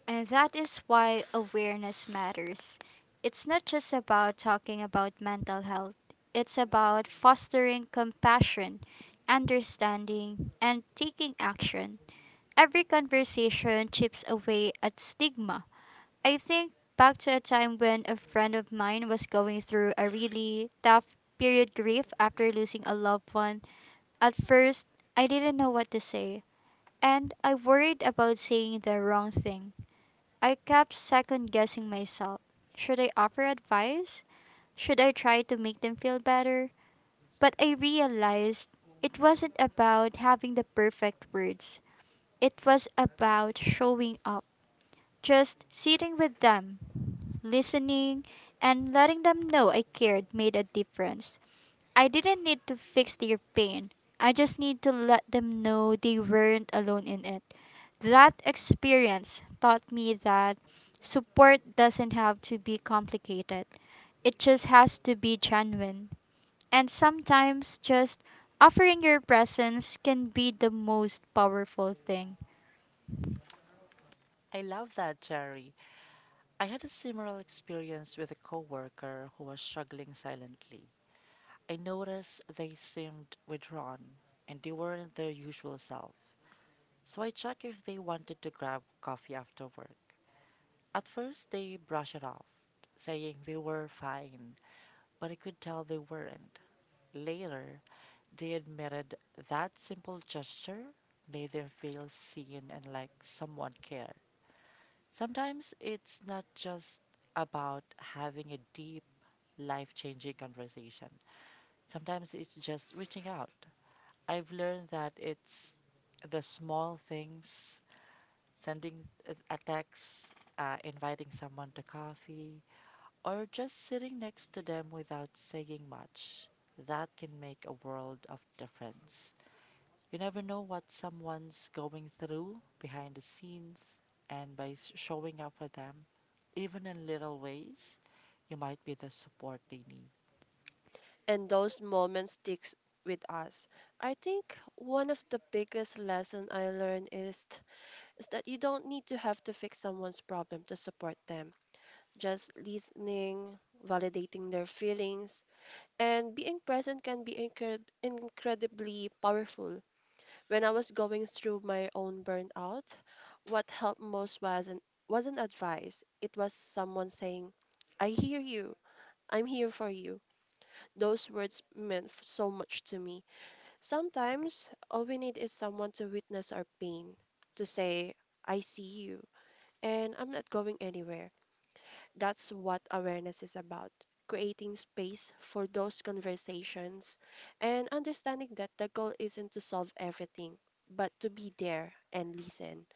Speaker 1: And that is why awareness matters. It's not just about talking about mental health, it's about fostering compassion, understanding, and taking action. Every conversation chips away at stigma. I think back to a time when a friend of mine was going through a really tough period grief after losing a loved one. At first, I didn't know what to say, and I worried about saying the wrong thing. I kept second guessing myself. Should I offer advice? Should I try to make them feel better? But I realized it wasn't about having the perfect words, it was about showing up, just sitting with them, listening, and letting them know I cared made a difference. I didn't need to fix their pain. I just need to let them know they weren't alone in it. That experience taught me that support doesn't have to be complicated. It just has to be genuine. And sometimes just offering your presence can be the most powerful thing.
Speaker 2: I love that, Jerry. I had a similar experience with a coworker who was struggling silently. I noticed they seemed withdrawn and they weren't their usual self. So I checked if they wanted to grab coffee after work. At first, they brushed it off, saying they were fine, but I could tell they weren't. Later, they admitted that simple gesture made them feel seen and like someone cared. Sometimes it's not just about having a deep, life changing conversation, sometimes it's just reaching out. I've learned that it's the small things, sending a text, inviting someone to coffee, or just sitting next to them without saying much. That can make a world of difference. You never know what someone's going through behind the scenes, and by showing up for them, even in little ways, you might be the support they need.
Speaker 3: And those moments sticks with us. I think one of the biggest lesson I learned is that you don't need to have to fix someone's problem to support them. Just listening, validating their feelings, and being present can be incredibly powerful. When I was going through my own burnout, what helped most wasn't advice. It was someone saying, "I hear you. I'm here for you." Those words meant so much to me. Sometimes all we need is someone to witness our pain, to say, "I see you," and I'm not going anywhere. That's what awareness is about, creating space for those conversations and understanding that the goal isn't to solve everything, but to be there and listen.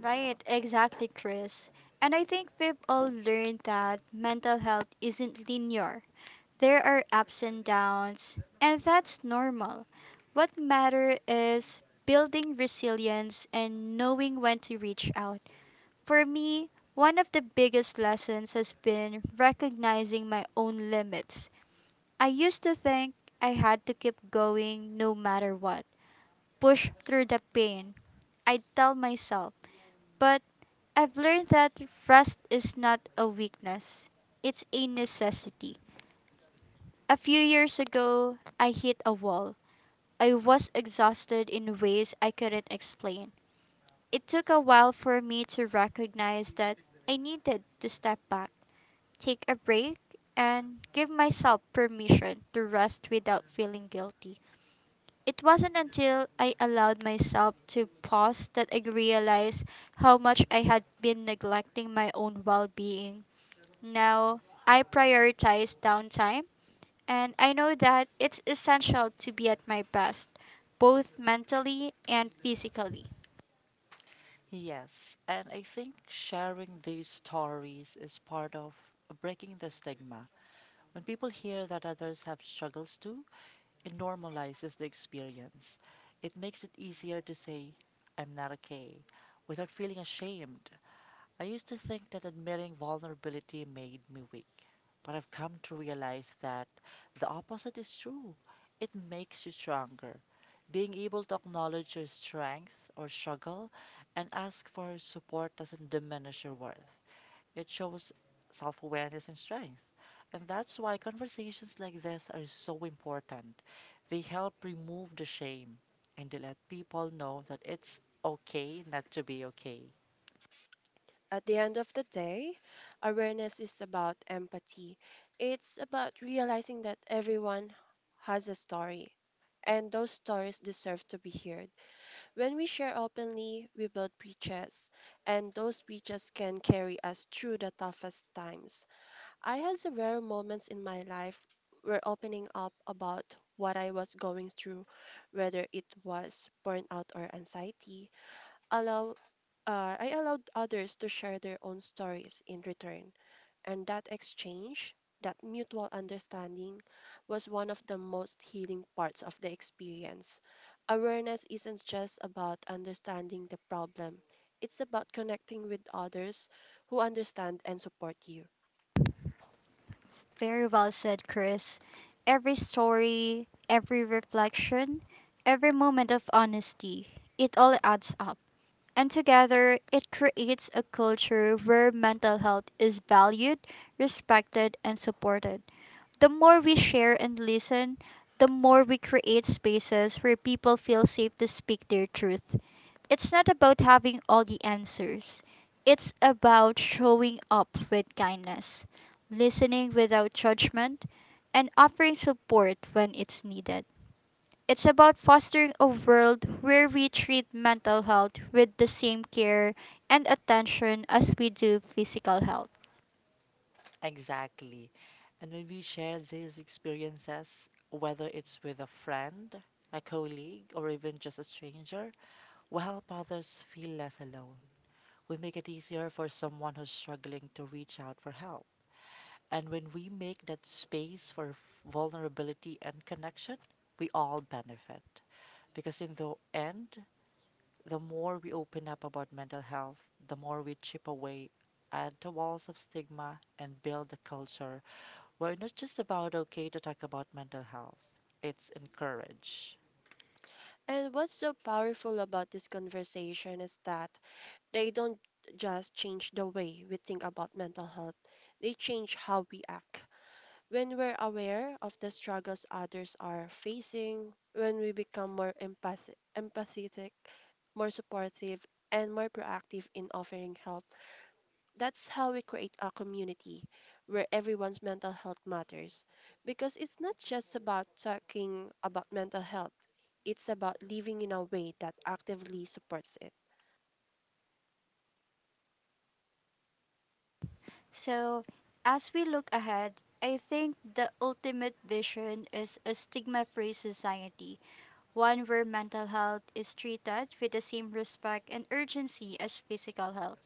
Speaker 1: Right, exactly, Chris. And I think we've all learned that mental health isn't linear. There are ups and downs, and that's normal. What matter is building resilience and knowing when to reach out. For me, one of the biggest lessons has been recognizing my own limits. I used to think I had to keep going no matter what, push through the pain. I'd tell myself, but I've learned that rest is not a weakness, it's a necessity. A few years ago, I hit a wall. I was exhausted in ways I couldn't explain. It took a while for me to recognize that I needed to step back, take a break, and give myself permission to rest without feeling guilty. It wasn't until I allowed myself to pause that I realized how much I had been neglecting my own well being. Now, I prioritize downtime and I know that it's essential to be at my best, both mentally and physically.
Speaker 2: Yes, and I think sharing these stories is part of breaking the stigma. When people hear that others have struggles too, it normalizes the experience. It makes it easier to say, "I'm not okay," without feeling ashamed. I used to think that admitting vulnerability made me weak, but I've come to realize that the opposite is true. It makes you stronger. Being able to acknowledge your strength or struggle and ask for support doesn't diminish your worth. It shows self awareness and strength. And that's why conversations like this are so important. They help remove the shame and they let people know that it's okay not to be okay.
Speaker 3: At the end of the day, awareness is about empathy. It's about realizing that everyone has a story, and those stories deserve to be heard. When we share openly, we build bridges, and those bridges can carry us through the toughest times. I had several moments in my life where opening up about what I was going through, whether it was burnout or anxiety, allow I allowed others to share their own stories in return, and that exchange, that mutual understanding, was one of the most healing parts of the experience. Awareness isn't just about understanding the problem; it's about connecting with others who understand and support you.
Speaker 1: Very well said, Chris. Every story, every reflection, every moment of honesty, it all adds up. And together, it creates a culture where mental health is valued, respected, and supported. The more we share and listen, the more we create spaces where people feel safe to speak their truth. It's not about having all the answers. It's about showing up with kindness, listening without judgment, and offering support when it's needed. It's about fostering a world where we treat mental health with the same care and attention as we do physical health.
Speaker 2: Exactly. And when we share these experiences, whether it's with a friend, a colleague, or even just a stranger, we help others feel less alone. We make it easier for someone who's struggling to reach out for help. And when we make that space for vulnerability and connection, we all benefit. Because in the end, the more we open up about mental health, the more we chip away at the walls of stigma and build a culture where it's not just about okay to talk about mental health, it's encouraged.
Speaker 3: And what's so powerful about this conversation is that they don't just change the way we think about mental health, they change how we act. When we're aware of the struggles others are facing, when we become more empathetic, more supportive, and more proactive in offering help, that's how we create a community where everyone's mental health matters. Because it's not just about talking about mental health, it's about living in a way that actively supports it.
Speaker 1: So, as we look ahead, I think the ultimate vision is a stigma free society, one where mental health is treated with the same respect and urgency as physical health.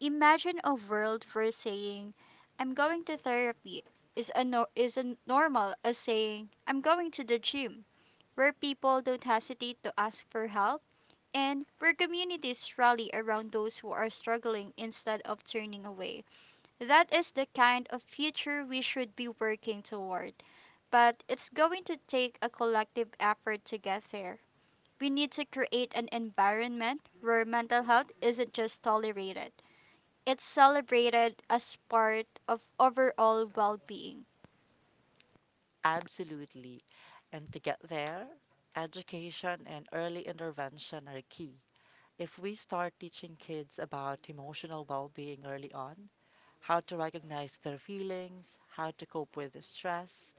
Speaker 1: Imagine a world where saying, "I'm going to therapy" is a no- is a normal as saying, "I'm going to the gym," where people don't hesitate to ask for help and where communities rally around those who are struggling instead of turning away. That is the kind of future we should be working toward, but it's going to take a collective effort to get there. We need to create an environment where mental health isn't just tolerated, it's celebrated as part of overall well being.
Speaker 2: Absolutely. And to get there, education and early intervention are key. If we start teaching kids about emotional well being early on, how to recognize their feelings, how to cope with the stress,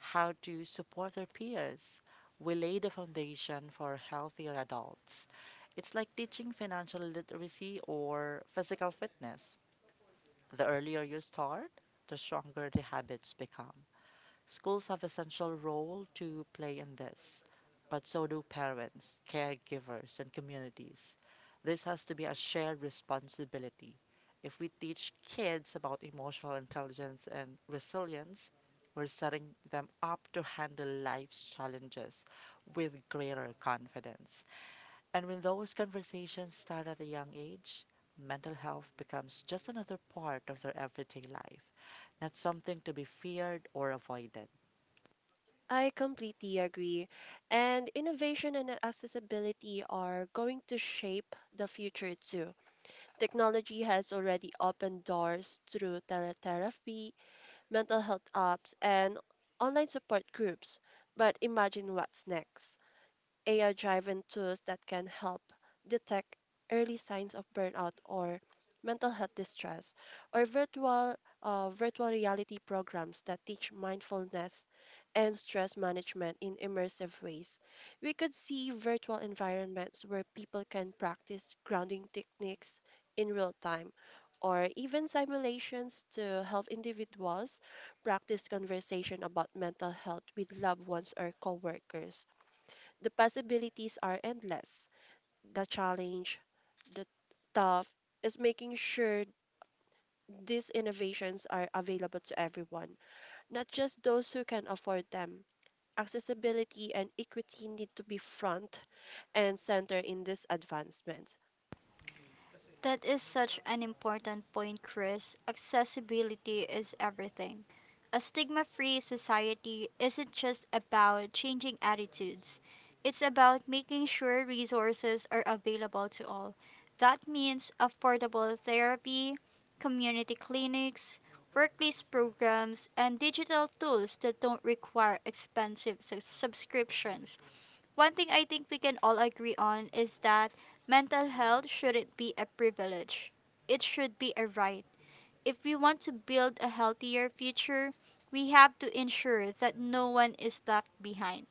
Speaker 2: how to support their peers. We lay the foundation for healthier adults. It's like teaching financial literacy or physical fitness. The earlier you start, the stronger the habits become. Schools have essential role to play in this, but so do parents, caregivers, and communities. This has to be a shared responsibility. If we teach kids about emotional intelligence and resilience, we're setting them up to handle life's challenges with greater confidence. And when those conversations start at a young age, mental health becomes just another part of their everyday life, not something to be feared or avoided.
Speaker 3: I completely agree. And innovation and accessibility are going to shape the future too. Technology has already opened doors through teletherapy, mental health apps, and online support groups. But imagine what's next. AI driven tools that can help detect early signs of burnout or mental health distress, or virtual reality programs that teach mindfulness and stress management in immersive ways. We could see virtual environments where people can practice grounding techniques in real time. Or even simulations to help individuals practice conversation about mental health with loved ones or coworkers. The possibilities are endless. The challenge, the tough, is making sure these innovations are available to everyone, not just those who can afford them. Accessibility and equity need to be front and center in these advancements.
Speaker 1: That is such an important point, Chris. Accessibility is everything. A stigma free society isn't just about changing attitudes, it's about making sure resources are available to all. That means affordable therapy, community clinics, workplace programs, and digital tools that don't require expensive subscriptions. One thing I think we can all agree on is that mental health shouldn't be a privilege. It should be a right. If we want to build a healthier future, we have to ensure that no one is left behind,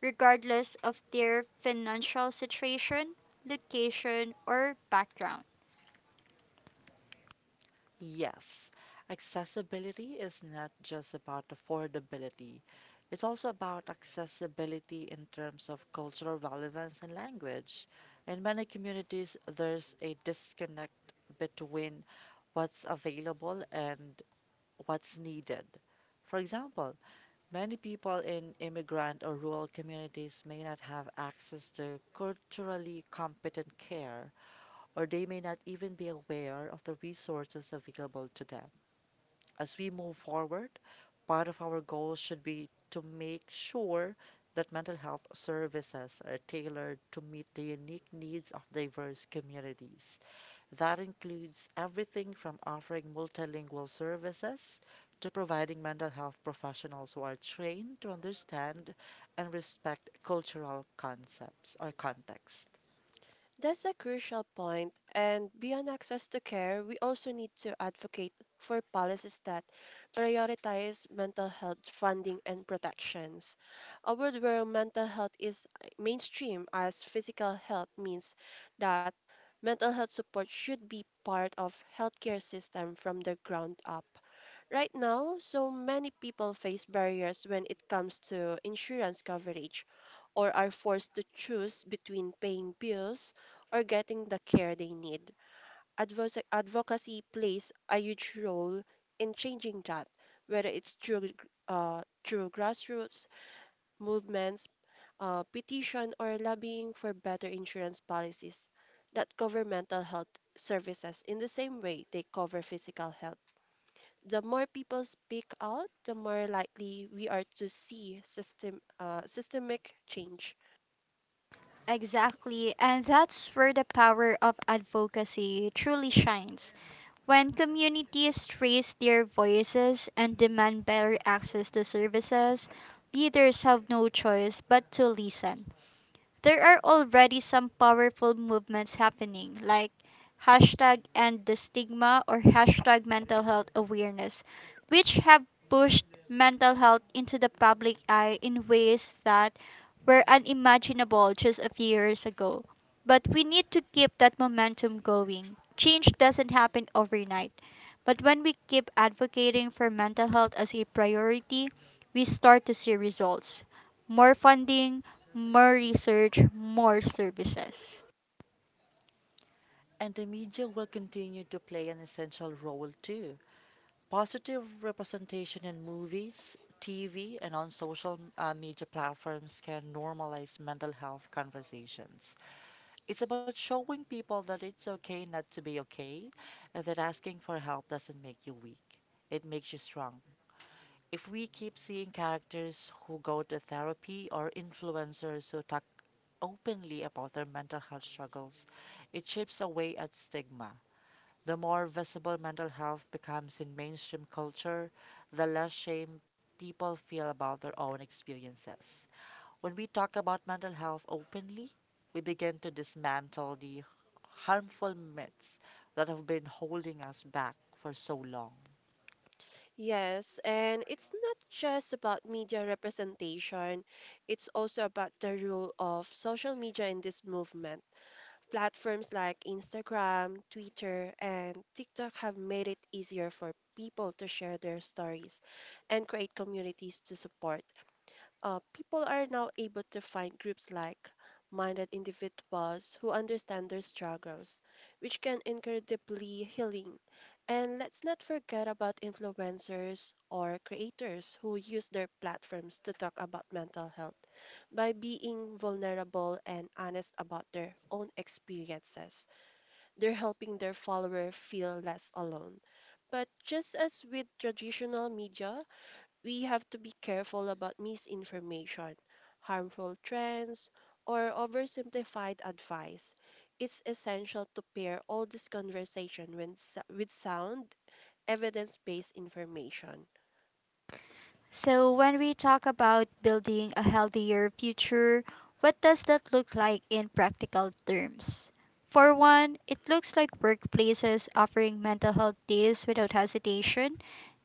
Speaker 1: regardless of their financial situation, location, or background.
Speaker 2: Yes, accessibility is not just about affordability. It's also about accessibility in terms of cultural relevance and language. In many communities, there's a disconnect between what's available and what's needed. For example, many people in immigrant or rural communities may not have access to culturally competent care, or they may not even be aware of the resources available to them. As we move forward, part of our goal should be to make sure that mental health services are tailored to meet the unique needs of diverse communities. That includes everything from offering multilingual services to providing mental health professionals who are trained to understand and respect cultural concepts or context.
Speaker 3: That's a crucial point, and beyond access to care, we also need to advocate for policies that prioritize mental health funding and protections. A world where mental health is mainstream as physical health means that mental health support should be part of healthcare system from the ground up. Right now, so many people face barriers when it comes to insurance coverage or are forced to choose between paying bills or getting the care they need. Advocacy plays a huge role in changing that, whether it's through grassroots movements, petition, or lobbying for better insurance policies that cover mental health services in the same way they cover physical health. The more people speak out, the more likely we are to see systemic change.
Speaker 1: Exactly, and that's where the power of advocacy truly shines. When communities raise their voices and demand better access to services, leaders have no choice but to listen. There are already some powerful movements happening, like hashtag end the stigma or hashtag mental health awareness, which have pushed mental health into the public eye in ways that were unimaginable just a few years ago. But we need to keep that momentum going. Change doesn't happen overnight, but when we keep advocating for mental health as a priority, we start to see results: more funding, more research, more services.
Speaker 2: And the media will continue to play an essential role too. Positive representation in movies, TV, and on social media platforms can normalize mental health conversations. It's about showing people that it's okay not to be okay, and that asking for help doesn't make you weak, it makes you strong. If we keep seeing characters who go to therapy or influencers who talk openly about their mental health struggles, it chips away at stigma. The more visible mental health becomes in mainstream culture, the less shame people feel about their own experiences. When we talk about mental health openly, we begin to dismantle the harmful myths that have been holding us back for so long.
Speaker 3: Yes, and it's not just about media representation, it's also about the role of social media in this movement. Platforms like Instagram, Twitter, and TikTok have made it easier for people to share their stories and create communities to support. People are now able to find groups like minded individuals who understand their struggles, which can incredibly healing. And let's not forget about influencers or creators who use their platforms to talk about mental health by being vulnerable and honest about their own experiences. They're helping their follower feel less alone. But just as with traditional media, we have to be careful about misinformation, harmful trends, or oversimplified advice. It's essential to pair all this conversation with sound, evidence based information.
Speaker 1: So, when we talk about building a healthier future, what does that look like in practical terms? For one, it looks like workplaces offering mental health days without hesitation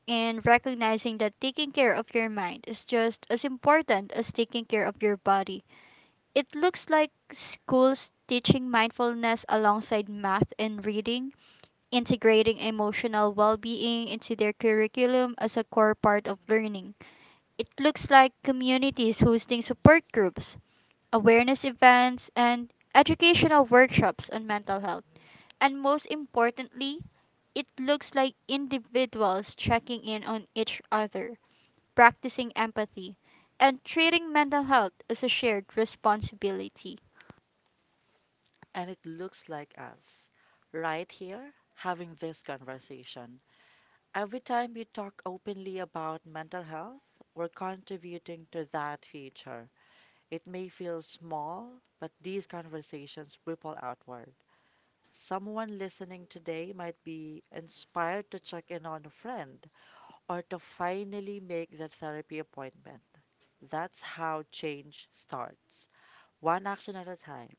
Speaker 1: and recognizing that taking care of your mind is just as important as taking care of your body. It looks like schools teaching mindfulness alongside math and reading, integrating emotional well being into their curriculum as a core part of learning. It looks like communities hosting support groups, awareness events, and educational workshops on mental health. And most importantly, it looks like individuals checking in on each other, practicing empathy, and treating mental health as a shared responsibility.
Speaker 2: And it looks like us, right here, having this conversation. Every time we talk openly about mental health, we're contributing to that future. It may feel small, but these conversations ripple outward. Someone listening today might be inspired to check in on a friend or to finally make their therapy appointment. That's how change starts, one action at a time.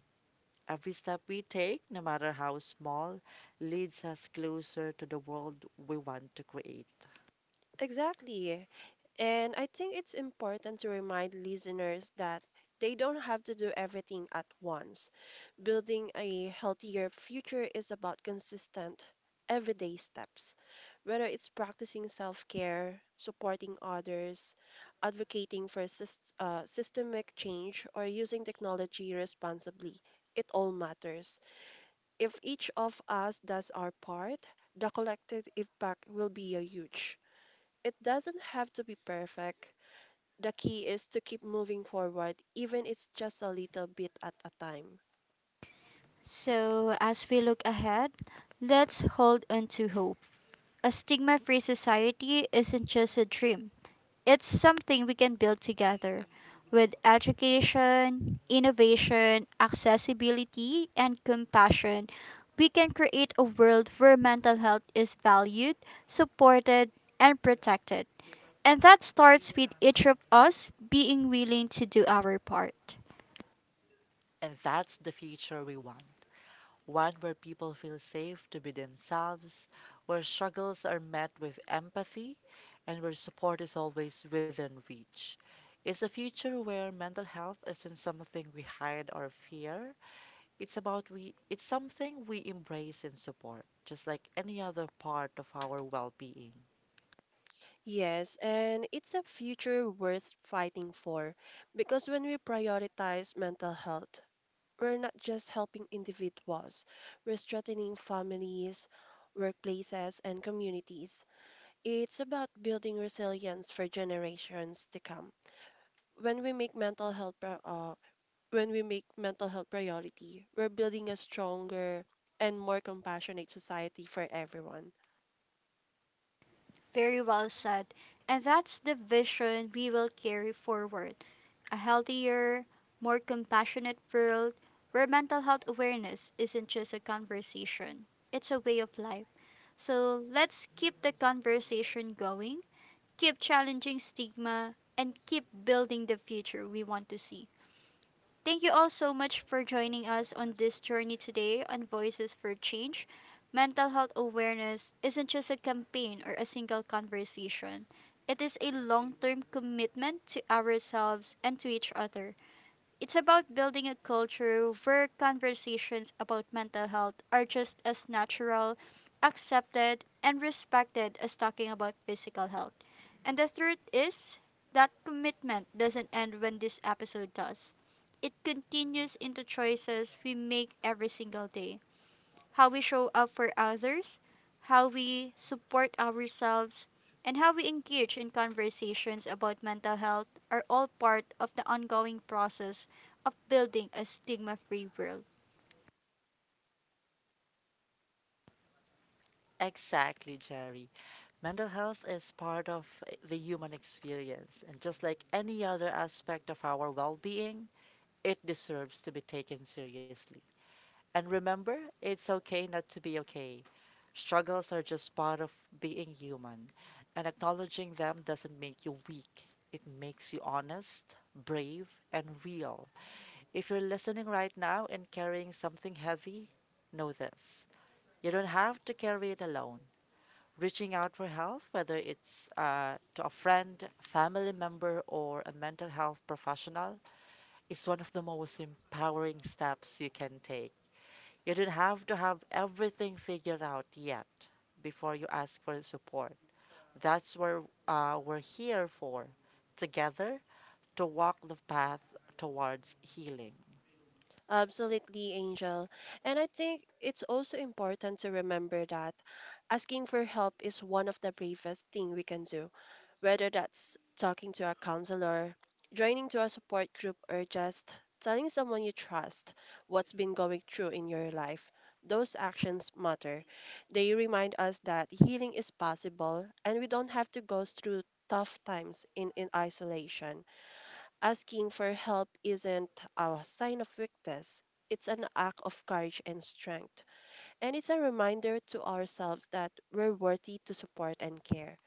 Speaker 2: Every step we take, no matter how small, leads us closer to the world we want to create.
Speaker 3: Exactly. And I think it's important to remind listeners that they don't have to do everything at once. Building a healthier future is about consistent, everyday steps, whether it's practicing self care, supporting others, advocating for systemic change, or using technology responsibly. It all matters. If each of us does our part, the collective impact will be a huge. It doesn't have to be perfect. The key is to keep moving forward, even it's just a little bit at a time.
Speaker 1: So, as we look ahead, let's hold on to hope. A stigma free society isn't just a dream, it's something we can build together with education, innovation, accessibility, and compassion. We can create a world where mental health is valued, supported, and protected. And that starts with each of us being willing to do our part.
Speaker 2: And that's the future we want. One where people feel safe to be themselves, where struggles are met with empathy, and where support is always within reach. It's a future where mental health isn't something we hide or fear. It's something we embrace and support, just like any other part of our well-being.
Speaker 3: Yes, and it's a future worth fighting for because when we prioritize mental health, we're not just helping individuals, we're strengthening families, workplaces, and communities. It's about building resilience for generations to come. When we make when we make mental health priority, we're building a stronger and more compassionate society for everyone.
Speaker 1: Very well said. And that's the vision we will carry forward, a healthier, more compassionate world where mental health awareness isn't just a conversation, it's a way of life. So let's keep the conversation going, keep challenging stigma, and keep building the future we want to see. Thank you all so much for joining us on this journey today on Voices for Change. Mental health awareness isn't just a campaign or a single conversation. It is a long term commitment to ourselves and to each other. It's about building a culture where conversations about mental health are just as natural, accepted, and respected as talking about physical health. And the truth is that commitment doesn't end when this episode does. It continues into choices we make every single day. How we show up for others, how we support ourselves, and how we engage in conversations about mental health are all part of the ongoing process of building a stigma free world.
Speaker 2: Exactly, Jerry. Mental health is part of the human experience, and just like any other aspect of our well being, it deserves to be taken seriously. And remember, it's okay not to be okay. Struggles are just part of being human, and acknowledging them doesn't make you weak. It makes you honest, brave, and real. If you're listening right now and carrying something heavy, know this. You don't have to carry it alone. Reaching out for help, whether it's to a friend, family member, or a mental health professional, is one of the most empowering steps you can take. You don't have to have everything figured out yet before you ask for support. That's where we're here for, together to walk the path towards healing.
Speaker 3: Absolutely, Angel. And I think it's also important to remember that asking for help is one of the bravest thing we can do, whether that's talking to a counselor, joining to a support group, or just telling someone you trust what's been going through in your life. Those actions matter. They remind us that healing is possible and we don't have to go through tough times in isolation. Asking for help isn't a sign of weakness, it's an act of courage and strength. And it's a reminder to ourselves that we're worthy to support and care.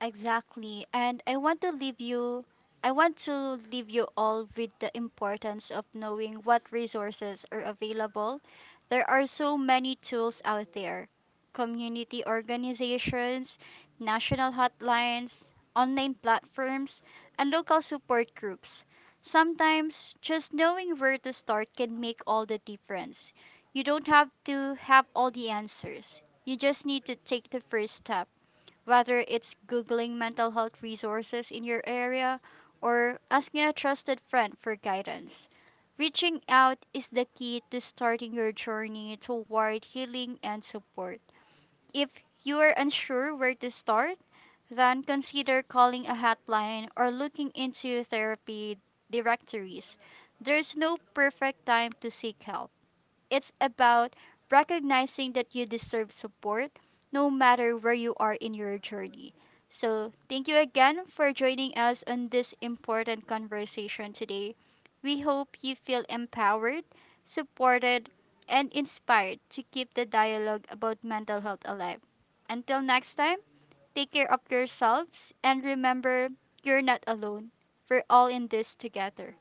Speaker 1: Exactly. And I want to leave you all with the importance of knowing what resources are available. There are so many tools out there. Community organizations, national hotlines, online platforms, and local support groups. Sometimes just knowing where to start can make all the difference. You don't have to have all the answers. You just need to take the first step, whether it's Googling mental health resources in your area or asking a trusted friend for guidance. Reaching out is the key to starting your journey toward healing and support. If you are unsure where to start, then consider calling a hotline or looking into therapy directories. There's no perfect time to seek help. It's about recognizing that you deserve support no matter where you are in your journey. So, thank you again for joining us on this important conversation today. We hope you feel empowered, supported, and inspired to keep the dialogue about mental health alive. Until next time, take care of yourselves and remember you're not alone. We're all in this together.